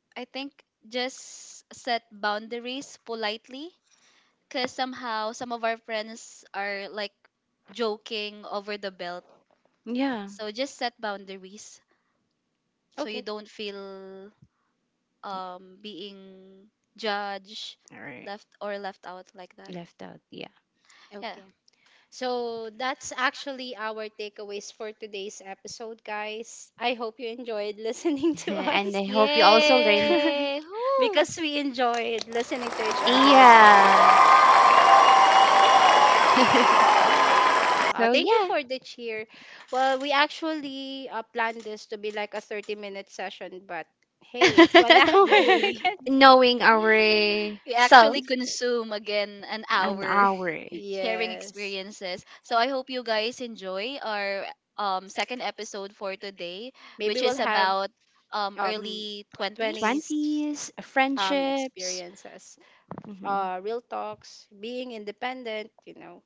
S3: I think just set boundaries politely, because somehow some of our friends are like joking over the belt.
S2: Yeah.
S3: So just set boundaries so you
S1: Okay.
S3: don't feel being judged,
S2: All right.
S3: left or left out like that.
S2: Left out. Yeah.
S3: Yeah.
S1: Okay. So that's actually our takeaways for today's episode, guys. I hope you enjoyed listening to
S2: And
S1: us
S2: I hope you also learn.
S3: Yay! Woo!
S1: because we enjoyed listening to each other as well.
S2: Yeah.
S1: Wow,
S2: So
S1: thank you
S2: yeah,
S1: for the cheer. Well, we actually planned this to be like a 30-minute session, but hey, it's one hour.
S2: knowing our
S3: We actually
S2: self
S3: consume again an
S1: Mm.
S2: and
S3: hour
S2: our
S3: sharing
S1: Yeah. Yes.
S3: experiences. So I hope you guys enjoy our second episode for today, which
S1: Maybe
S3: is
S1: we'll have
S3: about
S1: um
S3: early 20s.
S1: twenties
S2: twenties, friendships.
S1: experiences.
S2: Mhm.
S1: Real talks, being independent, you know.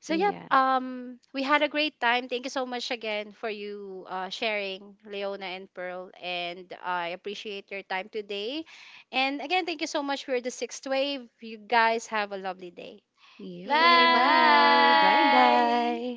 S1: So yep,
S2: Yeah.
S1: we had a great time. Thank you so much again for you sharing Leona and Pearl, and I appreciate your time today. And again, thank you so much for the sixth wave. You guys have a lovely day.
S2: You
S3: Yay,
S2: are. Bye
S1: Bye.
S3: bye!
S2: bye.